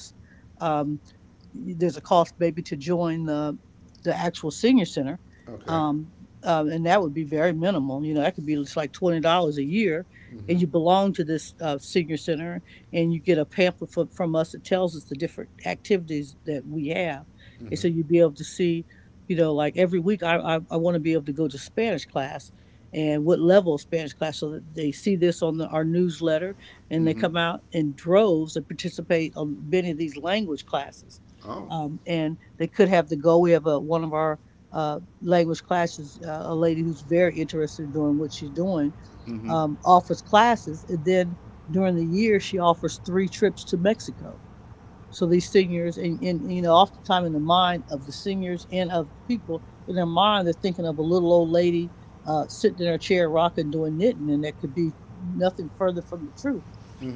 [SPEAKER 2] Um, there's a cost maybe to join the actual senior center,
[SPEAKER 1] Okay.
[SPEAKER 2] um, and that would be very minimal, you know, that could be just like $20 a year,
[SPEAKER 1] Mhm.
[SPEAKER 2] and you belong to this senior center and you get a pamphlet from us that tells us the different activities that we have, and so
[SPEAKER 1] Mhm.
[SPEAKER 2] you'd be able to see, you know, like every week, I want to be able to go to Spanish class, and what level of Spanish class, so that they see this on our newsletter, and they
[SPEAKER 1] Mm-hmm.
[SPEAKER 2] come out in droves and participate on many of these language classes.
[SPEAKER 1] Oh.
[SPEAKER 2] Um, and they could have to go. We have one of our language classes, a lady who's very interested in doing what she's doing,
[SPEAKER 1] Mm-hmm.
[SPEAKER 2] offers classes, and then during the year she offers 3 trips to Mexico. So these singers, and you know, oftentimes in the mind of the singers and of people in their mind, they're thinking of a little old lady sitting in her chair, rocking, doing knitting, and that could be nothing further from the truth.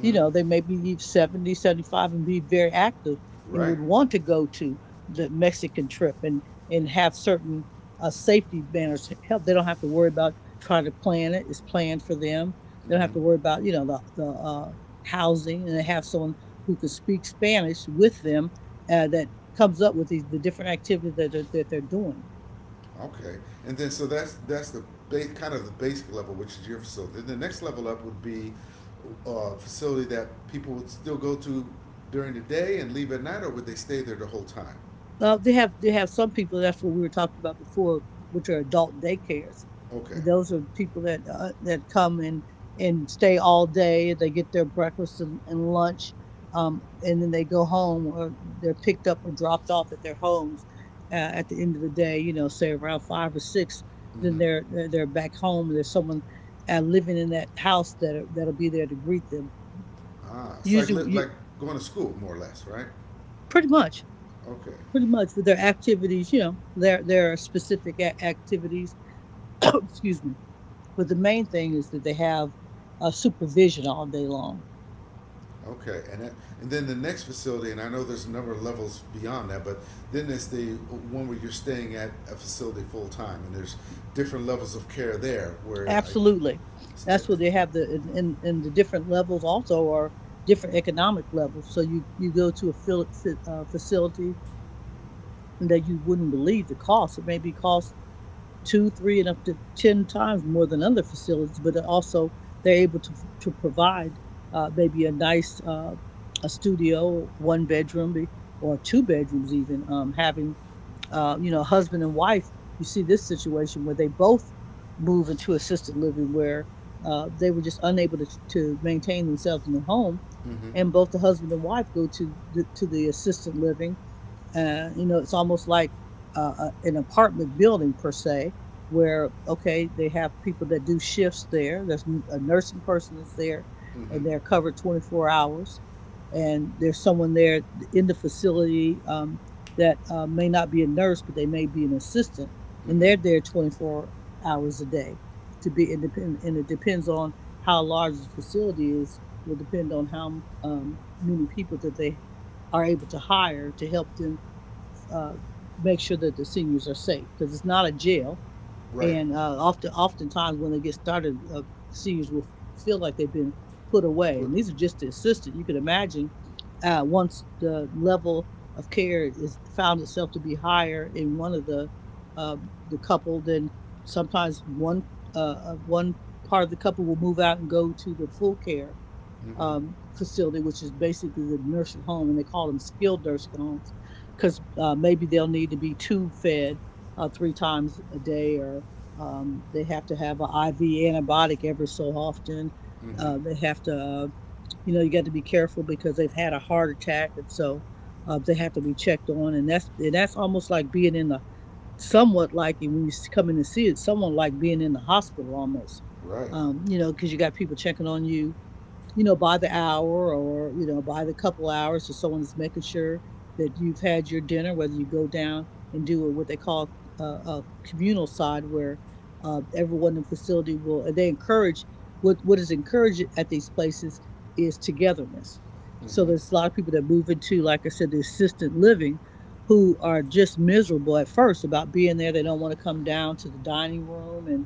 [SPEAKER 2] You know, they may be 70, 75 and be very active, and would
[SPEAKER 1] Right.
[SPEAKER 2] want to go to the Mexican trip, and have certain safety banners help. They don't have to worry about trying to plan it. It's planned for them. They don't have
[SPEAKER 1] Mm-hmm.
[SPEAKER 2] to worry about, you know, the housing, and they have someone who can speak Spanish with them that comes up with these, the different activities that they're doing.
[SPEAKER 1] Okay. And then so that's the kind of the basic level, which is your facility. Then the next level up would be a facility that people would still go to during the day and leave at night, or would they stay there the whole time?
[SPEAKER 2] They have, they have some people. That's what we were talking about before, which are adult daycares,
[SPEAKER 1] Okay.
[SPEAKER 2] and those are people that that come and stay all day. They get their breakfast and lunch, and then they go home, or they're picked up or dropped off at their homes. At the end of the day, you know, say around five or six, then
[SPEAKER 1] Mm-hmm.
[SPEAKER 2] they're back home, and there's someone living in that house that that'll be there to greet them.
[SPEAKER 1] Ah, it's like
[SPEAKER 2] Usually, you,
[SPEAKER 1] like going to school, more or less, right?
[SPEAKER 2] pretty much,
[SPEAKER 1] Okay.
[SPEAKER 2] pretty much with their activities. You know, there are specific activities. Excuse me, but the main thing is that they have supervision all day long.
[SPEAKER 1] Okay, and it, and then the next facility, and I know there's a number of levels beyond that, but then there's the one where you're staying at a facility full time, and there's different levels of care there. Where I,
[SPEAKER 2] Absolutely, that's what they have. The in the different levels also are different economic levels. So you go to a facility that you wouldn't believe the cost. It may be cost two, three, and up to 10 times more than other facilities, but also they're able to provide maybe a nice a studio, one bedroom or two bedrooms, even, having, you know, husband and wife. You see this situation where they both move into assisted living where they were just unable to maintain themselves in the home.
[SPEAKER 1] mm-hmm,
[SPEAKER 2] And both the husband and wife go to to the assisted living. You know, it's almost like an apartment building per se, where okay, they have people that do shifts there. There's a nursing person that's there,
[SPEAKER 1] mm-hmm,
[SPEAKER 2] and they're covered 24 hours, and there's someone there in the facility that may not be a nurse, but they may be an assistant, and
[SPEAKER 1] mm-hmm,
[SPEAKER 2] they're there 24 hours a day to be independent. And it depends on how large the facility is. Will depend on how many people that they are able to hire to help them uh, make sure that the seniors are safe because it's not a jail.
[SPEAKER 1] right,
[SPEAKER 2] And oftentimes when they get started, seniors will feel like they've been put away.
[SPEAKER 1] put,
[SPEAKER 2] And these are just the assistant. You can imagine once the level of care is found itself to be higher in one of the couple, then sometimes uh, one part of the couple will move out and go to the full care
[SPEAKER 1] mm-hmm,
[SPEAKER 2] facility, which is basically the nursing home, and they call them skilled nursing homes because maybe they'll need to be tube fed three times a day, or they have to have an IV antibiotic every so often.
[SPEAKER 1] mm-hmm,
[SPEAKER 2] They have to, you got to be careful because they've had a heart attack, and so they have to be checked on, and that's almost like being in the somewhat like when you come in and see it, someone like being in the hospital almost.
[SPEAKER 1] right,
[SPEAKER 2] Because you got people checking on you, by the hour or, by the couple hours or someone is making sure that you've had your dinner, whether you go down and do what they call a communal side where everyone in the facility will, and they encourage, what is encouraged at these places is togetherness. So
[SPEAKER 1] mm-hmm,
[SPEAKER 2] there's a lot of people that move into, like I said, the assisted living who are just miserable at first about being there. They don't want to come down to the dining room and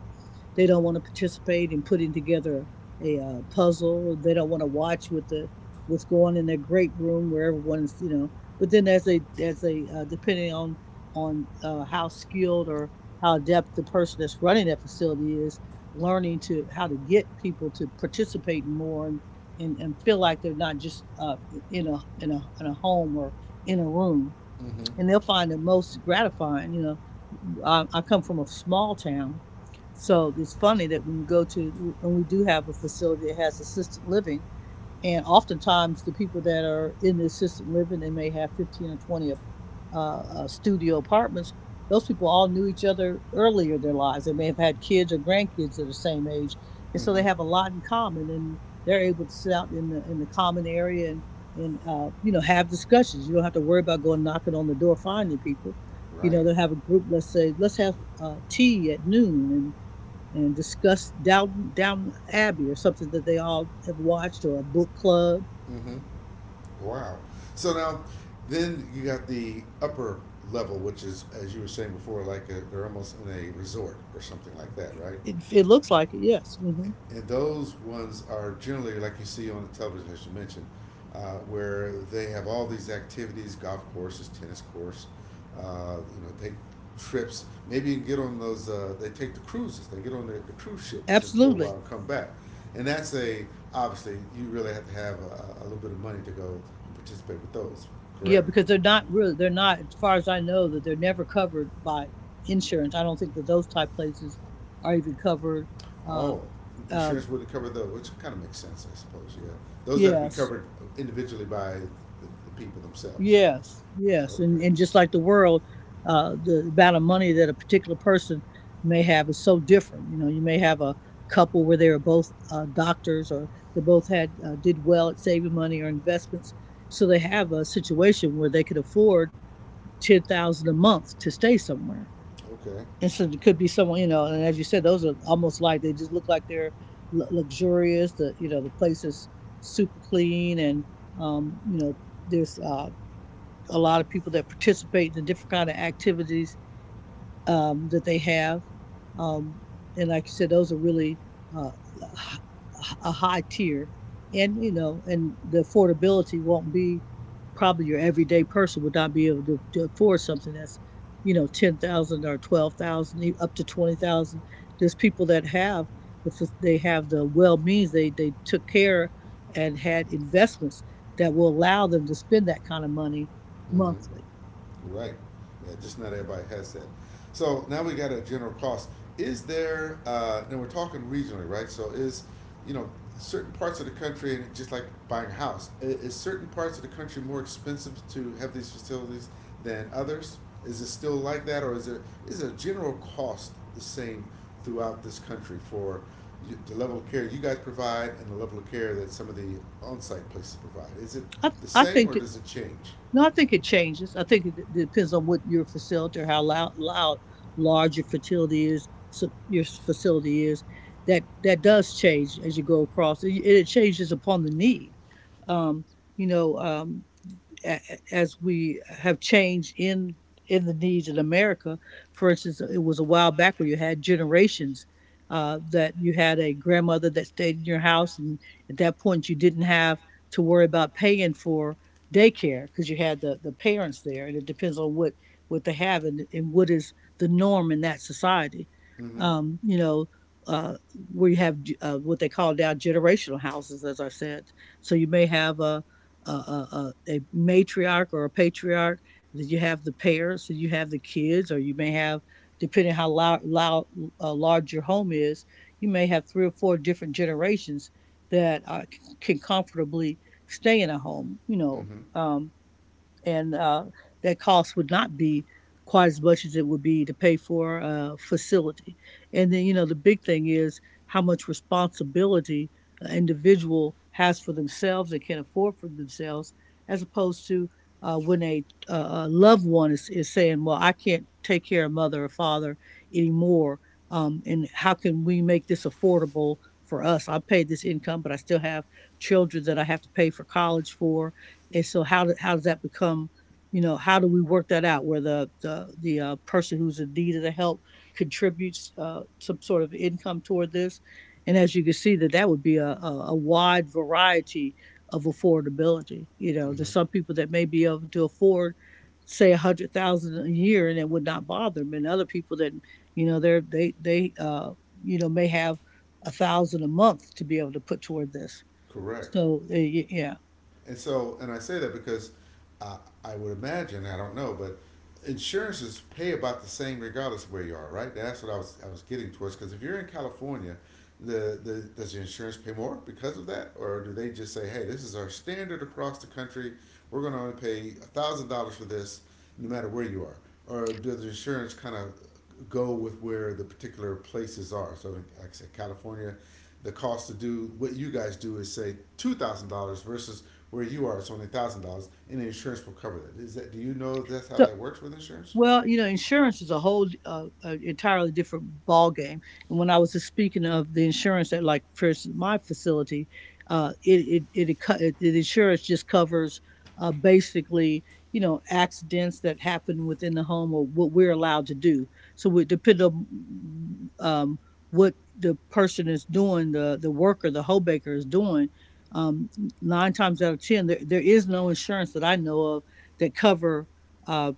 [SPEAKER 2] they don't want to participate in putting together a puzzle. They don't want to watch with the what's going on in their great room where everyone's. But then as a depending on on how skilled or how adept the person that's running that facility is, learning to how to get people to participate more and and, feel like they're not just in a home or in a room.
[SPEAKER 1] mm-hmm,
[SPEAKER 2] And they'll find it most gratifying. You know, I come from a small town, so it's funny that when you go to, and we do have a facility that has assisted living, and oftentimes the people that are in the assisted living, they may have 15 or 20 studio apartments. Those people all knew each other earlier in their lives. They may have had kids or grandkids that are the same age. And so they
[SPEAKER 1] mm-hmm,
[SPEAKER 2] have a lot in common and they're able to sit out in the common area and have discussions. You don't have to worry about going knocking on the door, finding people. You know,
[SPEAKER 1] right,
[SPEAKER 2] they'll have a group, let's say, let's have tea at noon and discuss Down Abbey or something that they all have watched or a book club.
[SPEAKER 1] mm-hmm. Wow. So now, then you got the upper level, which is, as you were saying before, like a, they're almost in a resort or something like that, right?
[SPEAKER 2] It looks like it. Yes,
[SPEAKER 1] And those ones are generally like you see on the television, as you mentioned, where they have all these activities, golf courses, tennis course, take trips. Maybe you can get on those. They take the cruises. They get on the cruise ships and for a
[SPEAKER 2] absolutely.
[SPEAKER 1] while come back. And that's a obviously you really have to have a little bit of money to go and participate with those.
[SPEAKER 2] Yeah,
[SPEAKER 1] Correct?
[SPEAKER 2] because they're not really they're not as far as I know that they're never covered by insurance. I don't think that those type places are even covered. Uh,
[SPEAKER 1] Oh,
[SPEAKER 2] uh,
[SPEAKER 1] insurance wouldn't cover those, which kind of makes sense, I suppose. Yeah, those have to be
[SPEAKER 2] yes.
[SPEAKER 1] covered individually by the people themselves.
[SPEAKER 2] Yes, yes,
[SPEAKER 1] Okay.
[SPEAKER 2] and just like the world, the amount of money that a particular person may have is so different. You know, you may have a couple where they were both doctors, or they both had did well at saving money or investments, so they have a situation where they could afford $10,000 a month to stay somewhere.
[SPEAKER 1] Okay.
[SPEAKER 2] And so it could be someone, you know, and as you said, those are almost like they just look like they're luxurious. The you know the place is super clean, and you know there's a lot of people that participate in different kind of activities that they have. Um, and like I said, those are really uh, a high tier. And, you know, and the affordability won't be probably your everyday person would not be able to afford something that's, you know, 10,000 or 12,000, up to 20,000. There's people that have the, they have the well means they took care and had investments that will allow them to spend that kind of money monthly.
[SPEAKER 1] Mm-hmm. Right. Yeah, just not everybody has that. So now we got a general cost. Is there, and we're talking regionally, right? So is, you know, certain parts of the country, and just like buying a house, is certain parts of the country more expensive to have these facilities than others? Is it still like that, or is a general cost the same throughout this country for the level of care you guys provide and the level of care that some of the on-site places provide? Is it the
[SPEAKER 2] I
[SPEAKER 1] same,
[SPEAKER 2] think
[SPEAKER 1] or does it change?
[SPEAKER 2] No, I think it changes. I think it depends on what your facility or how loud, loud large your facility is. So your facility is that does change as you go across. It changes upon the need. Um, you know, as we have changed in the needs in America. For instance, it was a while back where you had generations that you had a grandmother that stayed in your house, and at that point you didn't have to worry about paying for daycare because you had the parents there, and it depends on what they have and what is the norm in that society.
[SPEAKER 1] Mm-hmm.
[SPEAKER 2] Um, you know. Uh, where you have what they call now generational houses, as I said. So you may have a matriarch or a patriarch. Then you have the parents, and you have the kids, or you may have, depending how loud, loud large your home is, you may have three or four different generations that are, can comfortably stay in a home. You know,
[SPEAKER 1] Mm-hmm.
[SPEAKER 2] and that cost would not be quite as much as it would be to pay for a facility. And then, you know, the big thing is how much responsibility an individual has for themselves and can afford for themselves, as opposed to when a loved one is saying, "Well, I can't take care of mother or father anymore. And how can we make this affordable for us? I paid this income, but I still have children that I have to pay for college for and so how does that become, you know, how do we work that out where the person who's in need of the help contributes some sort of income toward this?" And as you can see, that that would be a wide variety of affordability. You know,
[SPEAKER 1] Mm-hmm.
[SPEAKER 2] there's some people that may be able to afford, say, $100,000 a year, and it would not bother them, and other people that, you know, they're they you know may have a thousand a month to be able to put toward this.
[SPEAKER 1] Correct.
[SPEAKER 2] So yeah.
[SPEAKER 1] And so, and I say that because I, I would imagine, I don't know, but insurances pay about the same regardless of where you are, right? That's what I was getting towards. Because if you're in California, the does your insurance pay more because of that? Or do they just say, hey, this is our standard across the country. We're going to only pay $1,000 for this no matter where you are? Or does the insurance kind of go with where the particular places are? So, like I said, California, the cost to do what you guys do is say $2,000 versus where you are it's only $1,000 and the insurance will cover that. Is that do you know if that's how
[SPEAKER 2] So
[SPEAKER 1] that works with insurance?
[SPEAKER 2] Well, you know, insurance is a whole entirely different ball game. And when I was just speaking of the insurance at, like, for instance, my facility, it it it, it it insurance just covers basically you know accidents that happen within the home or what we're allowed to do. So it depends on what the person is doing, the worker, the hoe baker is doing. Um, Nine times out of ten, there is no insurance that I know of that cover. Uh,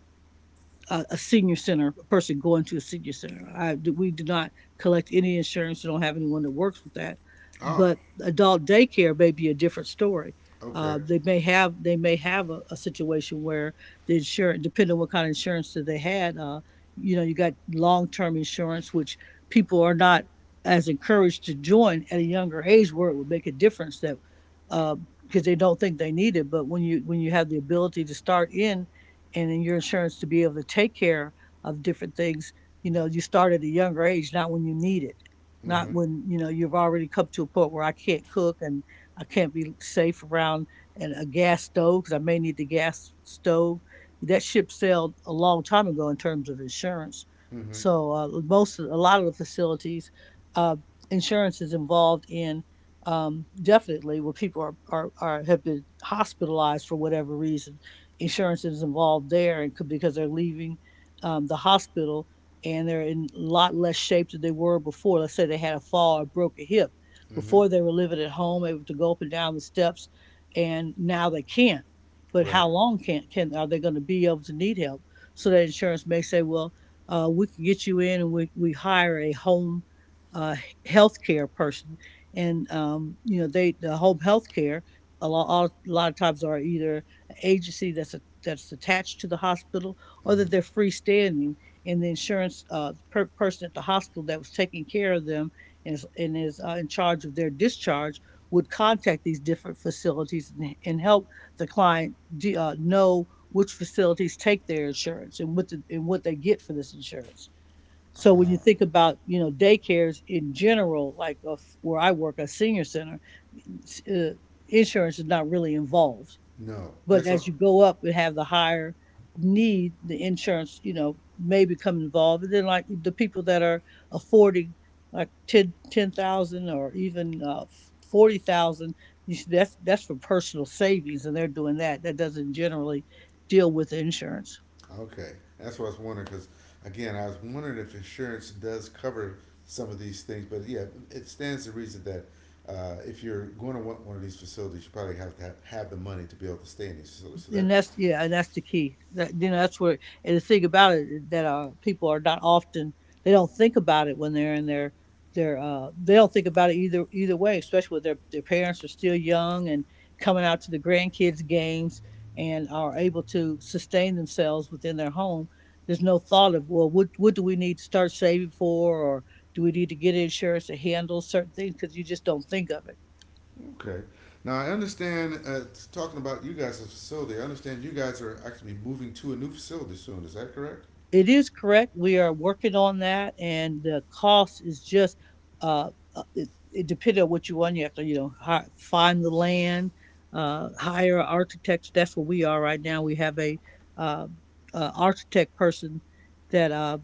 [SPEAKER 2] a, a senior center, a person going to a senior center. We do not collect any insurance. You don't have anyone that works with that.
[SPEAKER 1] Oh,
[SPEAKER 2] But adult daycare may be a different story.
[SPEAKER 1] okay.
[SPEAKER 2] They may have they may have a situation where the insurance, depending on what kind of insurance that they had, you know, you got long term insurance, which people are not as encouraged to join at a younger age, where it would make a difference that because they don't think they need it. But when you have the ability to start in and in your insurance to be able to take care of different things you know you start at a younger age not when you need it not
[SPEAKER 1] Mm-hmm.
[SPEAKER 2] when you know you've already come to a point where I can't cook and I can't be safe around and a gas stove because I may need the gas stove. That ship sailed a long time ago in terms of insurance.
[SPEAKER 1] Mm-hmm.
[SPEAKER 2] So a lot of the facilities uh, insurance is involved in, definitely when people are, are have been hospitalized for whatever reason insurance is involved there and could, because they're leaving the hospital and they're in a lot less shape than they were before. Let's say they had a fall or broke a hip.
[SPEAKER 1] Mm-hmm.
[SPEAKER 2] Before they were living at home, able to go up and down the steps, and now they can't. But
[SPEAKER 1] Right.
[SPEAKER 2] how long can are they going to be able to need help? So that insurance may say, well, we can get you in and we hire a home uh, healthcare person, and the home healthcare a lot of times are either agency that's attached to the hospital, or that
[SPEAKER 1] Mm-hmm.
[SPEAKER 2] they're freestanding, and the insurance person at the hospital that was taking care of them and is in charge of their discharge would contact these different facilities and help the client know which facilities take their insurance and and what they get for this insurance. So when you
[SPEAKER 1] Uh,
[SPEAKER 2] think about daycares in general, like where I work, a senior center, uh, insurance is not really involved,
[SPEAKER 1] no,
[SPEAKER 2] but
[SPEAKER 1] that's o-
[SPEAKER 2] as you go up and have the higher need, the insurance, you know, may become involved. And then like the people that are affording like 10 10,000 or even 40,000, that's for personal savings and they're doing that. That doesn't generally deal with insurance.
[SPEAKER 1] Okay, that's what I was wondering because again, I was wondering if insurance does cover some of these things, but yeah, it stands to reason that. If you're going to want one of these facilities, you probably have to have, have the money to be able to stay in these facilities. So that,
[SPEAKER 2] And that's the key. That, you know, that's where And the thing about it is that people are not often. They don't think about it when they're in their they don't think about it either way, especially when their parents are still young and coming out to the grandkids games and are able to sustain themselves within their home. There's no thought of, well, what do we need to start saving for, or do we need to get insurance to handle certain things? Because you just don't think of it.
[SPEAKER 1] okay. Now I understand. Talking about you guys' facility, I understand you guys are actually moving to a new facility soon. Is that correct?
[SPEAKER 2] It is correct. We are working on that, and the cost is just it depends on what you want. You have to, you know, find the land, hire architects. That's where we are right now. We have a uh, architect person that uh,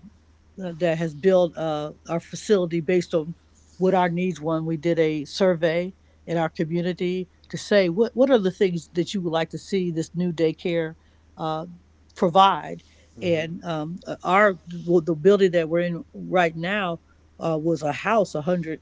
[SPEAKER 2] that has built our facility based on what our needs were. We did a survey in our community to say, what are the things that you would like to see this new daycare uh, provide.
[SPEAKER 1] Mm-hmm.
[SPEAKER 2] And our the building that we're in right now was a house, 100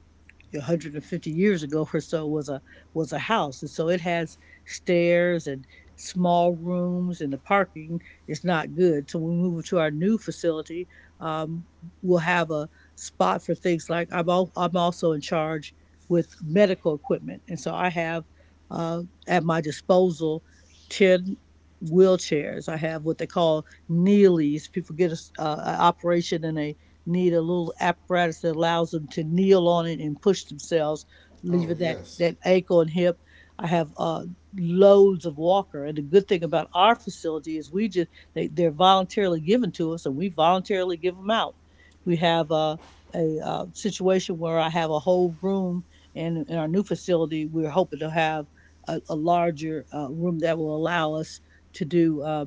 [SPEAKER 2] 150 years ago or so was a house, and so it has stairs and small rooms and the parking is not good. So when we move to our new facility, um, we'll have a spot for things like I'm also in charge with medical equipment, and so I have uh, at my disposal 10 wheelchairs. I have what they call Neelys. People get a, a operation in a, need a little apparatus that allows them to kneel on it and push themselves,
[SPEAKER 1] Oh
[SPEAKER 2] leaving that,
[SPEAKER 1] yes.
[SPEAKER 2] that ankle and hip. I have loads of walker, and the good thing about our facility is we just, they're voluntarily given to us, and we voluntarily give them out. We have a situation where I have a whole room, and in our new facility, we're hoping to have a larger room that will allow us to do. Uh,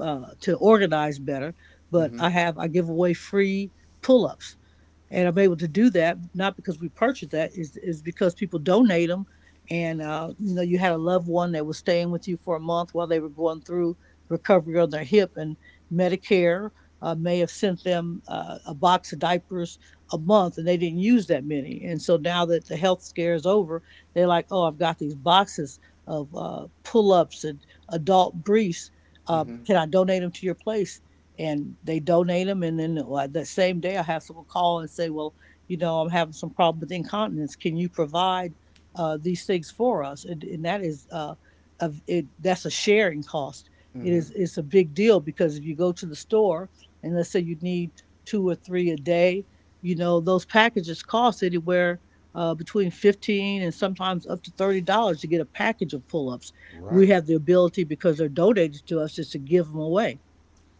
[SPEAKER 2] uh, To organize better. But
[SPEAKER 1] Mm-hmm.
[SPEAKER 2] I give away free pull ups, and I'm able to do that not because we purchased that, is because people donate them, and you had a loved one that was staying with you for a month while they were going through recovery on their hip, and Medicare may have sent them a box of diapers a month, and they didn't use that many, and so now that the health scare is over, they're like, oh, I've got these boxes of pull ups and adult briefs.
[SPEAKER 1] Mm-hmm.
[SPEAKER 2] Can I donate them to your place? And they donate them. And then, like, the same day, I have someone call and say, "Well, you know, I'm having some problem with incontinence. Can you provide these things for us?" And that is of it. That's a sharing cost. It
[SPEAKER 1] Mm-hmm.
[SPEAKER 2] is. It's a big deal because if you go to the store and let's say you need two or three a day, you know, those packages cost anywhere. Between 15 and sometimes up to $30 to get a package of pull-ups. We
[SPEAKER 1] Right.
[SPEAKER 2] have the ability, because they're donated to us, just to give them away.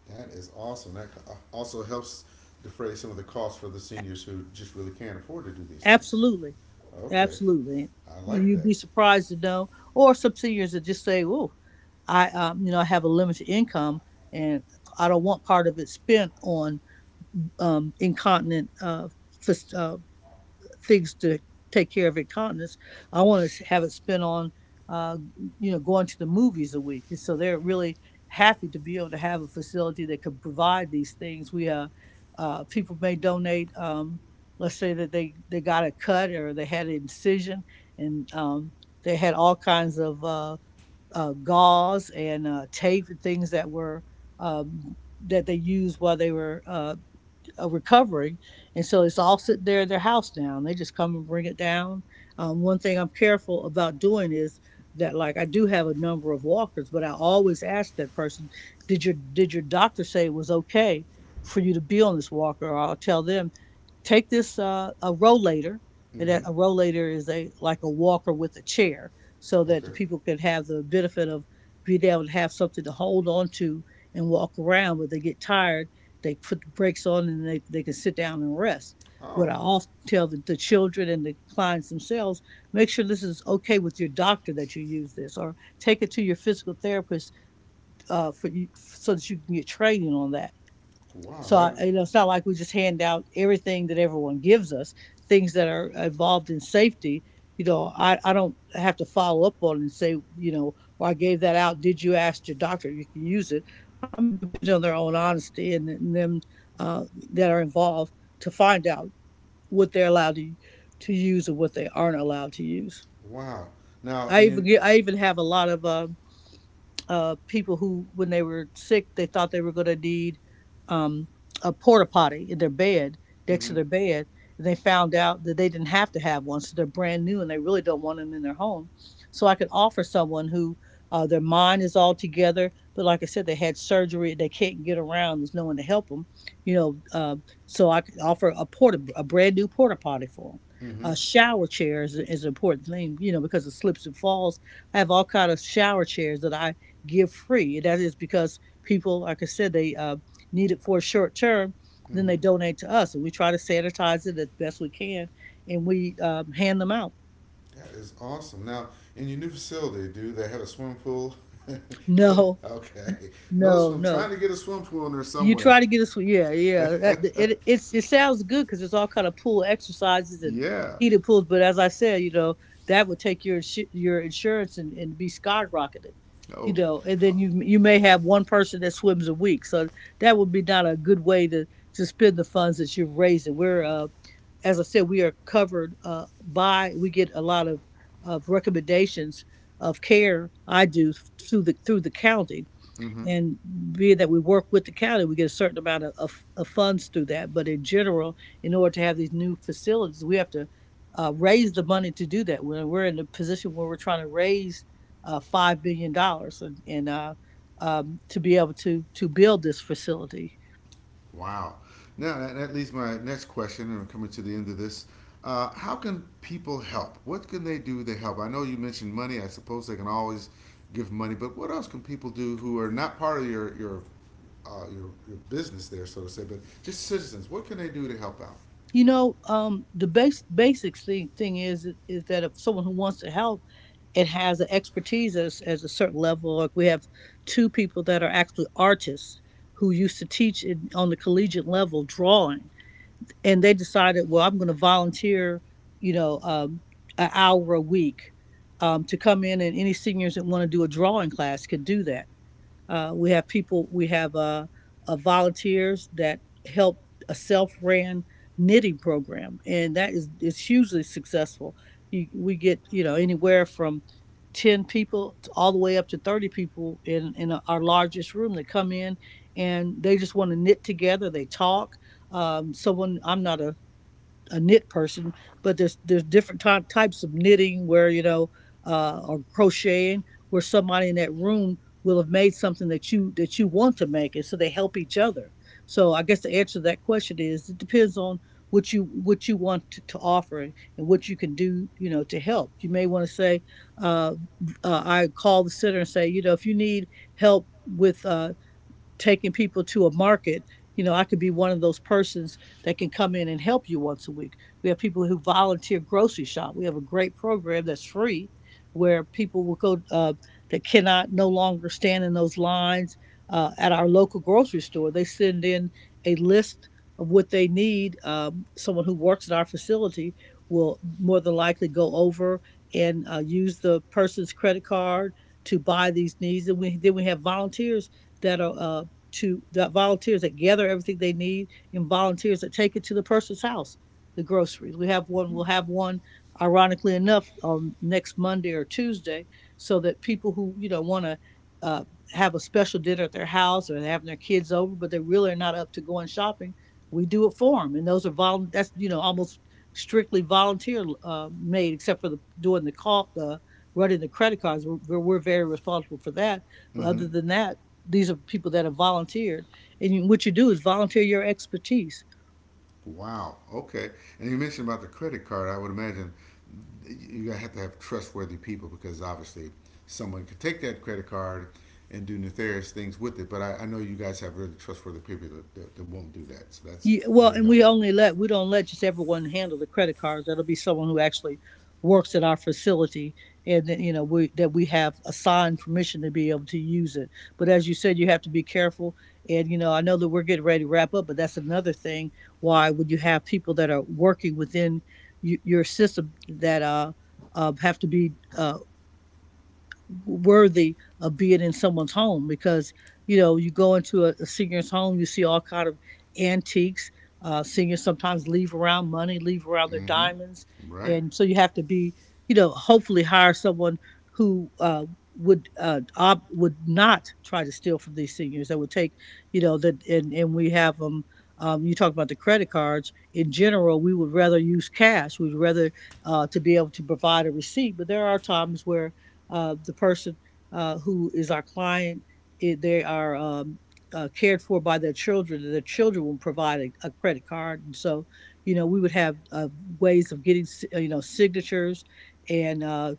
[SPEAKER 1] That is awesome. That also helps defray some of the costs for the seniors who just really can't afford to do these things.
[SPEAKER 2] Absolutely.
[SPEAKER 1] Okay,
[SPEAKER 2] Absolutely.
[SPEAKER 1] I like
[SPEAKER 2] You'd
[SPEAKER 1] that.
[SPEAKER 2] be surprised to know, or some seniors that just say, "Oh, I, you know, I have a limited income, and I don't want part of it spent on incontinent fas- uh, things to take care of at. I want to have it spent on, uh, you know, going to the movies a week." And so they're really happy to be able to have a facility that can provide these things. We people may donate. Let's say that they got a cut or they had an incision, and they had all kinds of gauze and tape and things that were. That they used while they were recovering, and so it's all sit there at their house now. And they just come and bring it down. One thing I'm careful about doing is that, like, I do have a number of walkers, but I always ask that person, " Did your doctor say it was okay for you to be on this walker?" Or I'll tell them, "Take this a rollator." And
[SPEAKER 1] Mm-hmm.
[SPEAKER 2] that a rollator is a like a walker with a chair, so that
[SPEAKER 1] Okay.
[SPEAKER 2] the people can have the benefit of being able to have something to hold on to and walk around, but they get tired, they put the brakes on, and they can sit down and rest.
[SPEAKER 1] Oh,
[SPEAKER 2] What I often tell the children and the clients themselves, make sure this is okay with your doctor that you use this, or take it to your physical therapist for you, so that you can get training on that.
[SPEAKER 1] wow. That
[SPEAKER 2] You know, it's not like we just hand out everything that everyone gives us. Things that are involved in safety, you know, I don't have to follow up on and say, you know, or I gave that out. Did you ask your doctor? You can use it. I'm depending on their own honesty and them uh, that are involved to find out what they're allowed to use and what they aren't allowed to use.
[SPEAKER 1] wow. Now and you,
[SPEAKER 2] I even have a lot of people who, when they were sick, they thought they were going to need um, a porta potty in their bed, next to
[SPEAKER 1] mm-hmm,
[SPEAKER 2] their bed. And they found out that they didn't have to have one. So they're brand new and they really don't want them in their home. So I can offer someone who their mind is all together, but like I said, they had surgery, they can't get around, there's no one to help them. You know, so I could offer a brand new porta potty for them.
[SPEAKER 1] mm-hmm,
[SPEAKER 2] A shower chair is an important thing, you know, because it slips and falls. I have all kind of shower chairs that I give free. That is because people, like I said, they need it for a short term, then
[SPEAKER 1] mm-hmm.
[SPEAKER 2] they donate to us, and we try to sanitize it as best we can, and we hand them out.
[SPEAKER 1] That is awesome. Now in your new facility, do they have a swimming pool?
[SPEAKER 2] No,
[SPEAKER 1] okay. No
[SPEAKER 2] no,
[SPEAKER 1] swim. Trying
[SPEAKER 2] no.
[SPEAKER 1] to get a swimming pool in there
[SPEAKER 2] You
[SPEAKER 1] somewhere.
[SPEAKER 2] try to get us, yeah, yeah. It sounds good because it's all kind of pool exercises and
[SPEAKER 1] yeah.
[SPEAKER 2] heated pools. But as I said, you know, that would take your insurance and be skyrocketed, you
[SPEAKER 1] Oh.
[SPEAKER 2] know. And then you may have one person that swims a week, so that would be not a good way to spend the funds that you're raising. We're as I said, we are covered by, we get a lot of recommendations of care. I do through the county,
[SPEAKER 1] Mm-hmm.
[SPEAKER 2] and being that we work with the county, we get a certain amount of funds through that. But in general, in order to have these new facilities, we have to raise the money to do that. We're in a position where we're trying to raise $5 billion dollars and to be able to build this facility.
[SPEAKER 1] Wow. Now that, that leads my next question, and we're coming to the end of this. How can people help? What can they do to help? I know you mentioned money. I suppose they can always give money, but what else can people do who are not part of your your business there, so to say, but just citizens? What can they do to help out?
[SPEAKER 2] You know, the base basics thing is that if someone who wants to help and has an expertise as a certain level, like we have two people that are actually artists who used to teach in, on the collegiate level drawing, and they decided, well, I'm going to volunteer, you know, an hour a week to come in, and any seniors that want to do a drawing class could do that. We have people, we have volunteers that help a self-ran knitting program, and that is hugely successful. We get, you know, anywhere from 10 people to all the way up to 30 people in our largest room. They come in and they just want to knit together. They talk. I'm not a knit person, but there's different types of knitting where or crocheting where somebody in that room will have made something that you want to make, and so they help each other. So I guess the answer to that question is it depends on what you want to offer and what you can do to help. You may want to say uh, I call the center and say, you know, if you need help with taking people to a market. You know, I could be one of those persons that can come in and help you once a week. We have people who volunteer grocery shop. We have a great program that's free where people will go that cannot no longer stand in those lines at our local grocery store. They send in a list of what they need. Someone who works at our facility will more than likely go over and use the person's credit card to buy these needs. Then we have volunteers that are to the volunteers that gather everything they need, and volunteers that take it to the person's house, the groceries. We'll have one, ironically enough, on next Monday or Tuesday, so that people who, you know, want to uh, have a special dinner at their house or they're having their kids over, but they really are not up to going shopping, we do it for them. And those are you know, almost strictly volunteer made, except for the doing the call, the running the credit cards. We're very responsible for that. But
[SPEAKER 1] Mm-hmm.
[SPEAKER 2] other than that, these are people that have volunteered, and what you do is volunteer your expertise.
[SPEAKER 1] Wow. Okay. And you mentioned about the credit card. I would imagine you have to have trustworthy people because obviously someone could take that credit card and do nefarious things with it. But I know you guys have really trustworthy people that won't do that. So that's
[SPEAKER 2] Well,
[SPEAKER 1] very
[SPEAKER 2] and we
[SPEAKER 1] helpful.
[SPEAKER 2] only let, we don't let just everyone handle the credit cards. That'll be someone who actually works at our facility and, you know, we that we have assigned permission to be able to use it. But as you said, you have to be careful. And, you know, I know that we're getting ready to wrap up, but that's another thing. Why would you have people that are working within your system that have to be worthy of being in someone's home? Because, you know, you go into a senior's home, you see all kind of antiques. Seniors sometimes leave around money, leave around their
[SPEAKER 1] Mm-hmm.
[SPEAKER 2] diamonds.
[SPEAKER 1] Right.
[SPEAKER 2] And so you have to be, you know, hopefully hire someone who would would not try to steal from these seniors, that would take, you know, that. And we have them. You talk about the credit cards in general, we would rather use cash. We'd rather to be able to provide a receipt, but there are times where the person who is our client, they are cared for by their children, and their children will provide a credit card. And so, you know, we would have ways of getting, you know, signatures and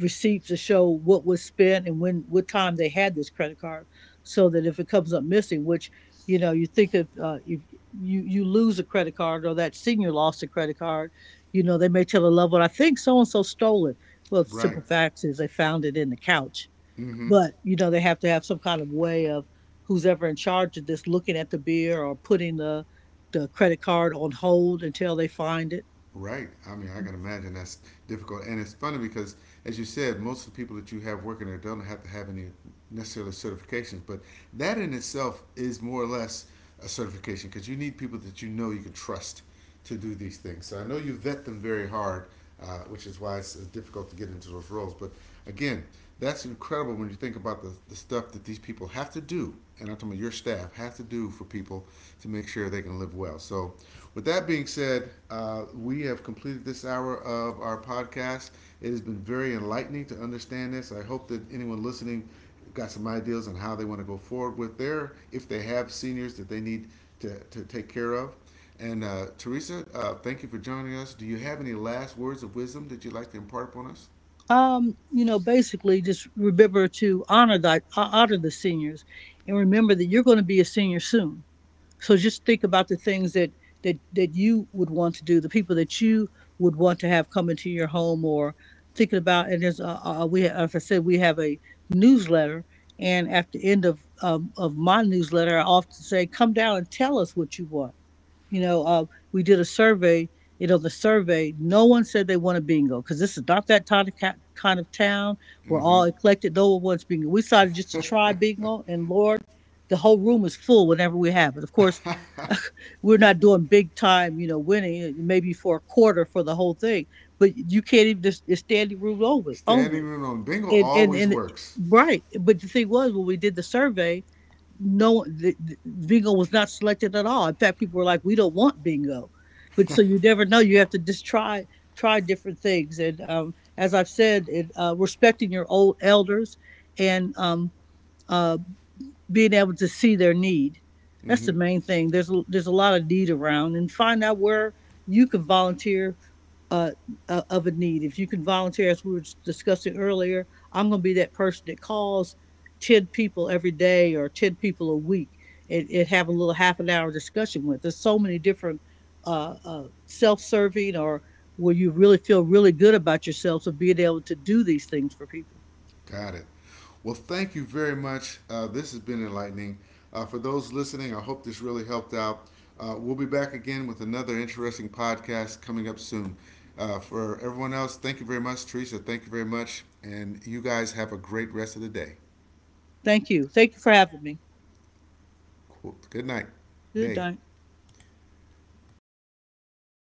[SPEAKER 2] receipts to show what was spent and when, what time they had this credit card, so that if it comes up missing, which, you know, you think if you lose a credit card, or that senior lost a credit card, you know, they may tell a loved one, "I think so and so stole it." Well, the
[SPEAKER 1] Right.
[SPEAKER 2] simple fact is they found it in the couch.
[SPEAKER 1] Mm-hmm.
[SPEAKER 2] But, you know, they have to have some kind of way of, who's ever in charge of this, looking at the beer or putting the credit card on hold until they find it.
[SPEAKER 1] Right. I mean, I can imagine that's difficult. And it's funny because, as you said, most of the people that you have working there don't have to have any necessarily certifications. But that in itself is more or less a certification because you need people that you know you can trust to do these things. So I know you vet them very hard which is why it's difficult to get into those roles. But again, that's incredible when you think about the stuff that these people have to do, and I'm talking about your staff have to do for people to make sure they can live well. So, with that being said, we have completed this hour of our podcast. It has been very enlightening to understand this. I hope that anyone listening got some ideas on how they want to go forward with their, if they have seniors that they need to take care of. And Teresa, thank you for joining us. Do you have any last words of wisdom that you'd like to impart upon us?
[SPEAKER 2] You know, basically, just remember to honor that, honor the seniors, and remember that you're going to be a senior soon. So just think about the things that that you would want to do, the people that you would want to have come into your home, or thinking about. And there's as I said, we have a newsletter, and at the end of my newsletter, I often say, come down and tell us what you want. you know uh, we did a survey. You know, the survey, no one said they want a bingo, because this is not that kind of town. We're
[SPEAKER 1] Mm-hmm.
[SPEAKER 2] all eclectic, no one wants bingo. We decided just to try bingo, and Lord, the whole room is full whenever we have it. Of course, we're not doing big time, you know, winning, maybe for a quarter for the whole thing, but you can't even just, it's standing room over
[SPEAKER 1] Standing
[SPEAKER 2] only.
[SPEAKER 1] room on bingo always
[SPEAKER 2] And
[SPEAKER 1] works.
[SPEAKER 2] Right, but the thing was, when we did the survey, no, Bingo was not selected at all. In fact, people were like, "We don't want Bingo," but so you never know. You have to just try different things. And as I've said, respecting your old elders, and uh, being able to see their need. That's
[SPEAKER 1] mm-hmm.
[SPEAKER 2] the main thing. There's there's a lot of need around, and find out where you can volunteer uh, of a need. If you can volunteer, as we were discussing earlier, I'm going to be that person that calls 10 people every day, or 10 people a week, and have a little half an hour discussion with. There's so many different self serving, or where you really feel really good about yourselves of being able to do these things for people.
[SPEAKER 1] Got it. Well, thank you very much. This has been enlightening. For those listening, I hope this really helped out. We'll be back again with another interesting podcast coming up soon. For everyone else, thank you very much, Teresa. Thank you very much. And you guys have a great rest of the day.
[SPEAKER 2] Thank you. Thank you for having me.
[SPEAKER 1] Cool. Good night.
[SPEAKER 2] Good
[SPEAKER 1] Day.
[SPEAKER 2] night.
[SPEAKER 1] All right.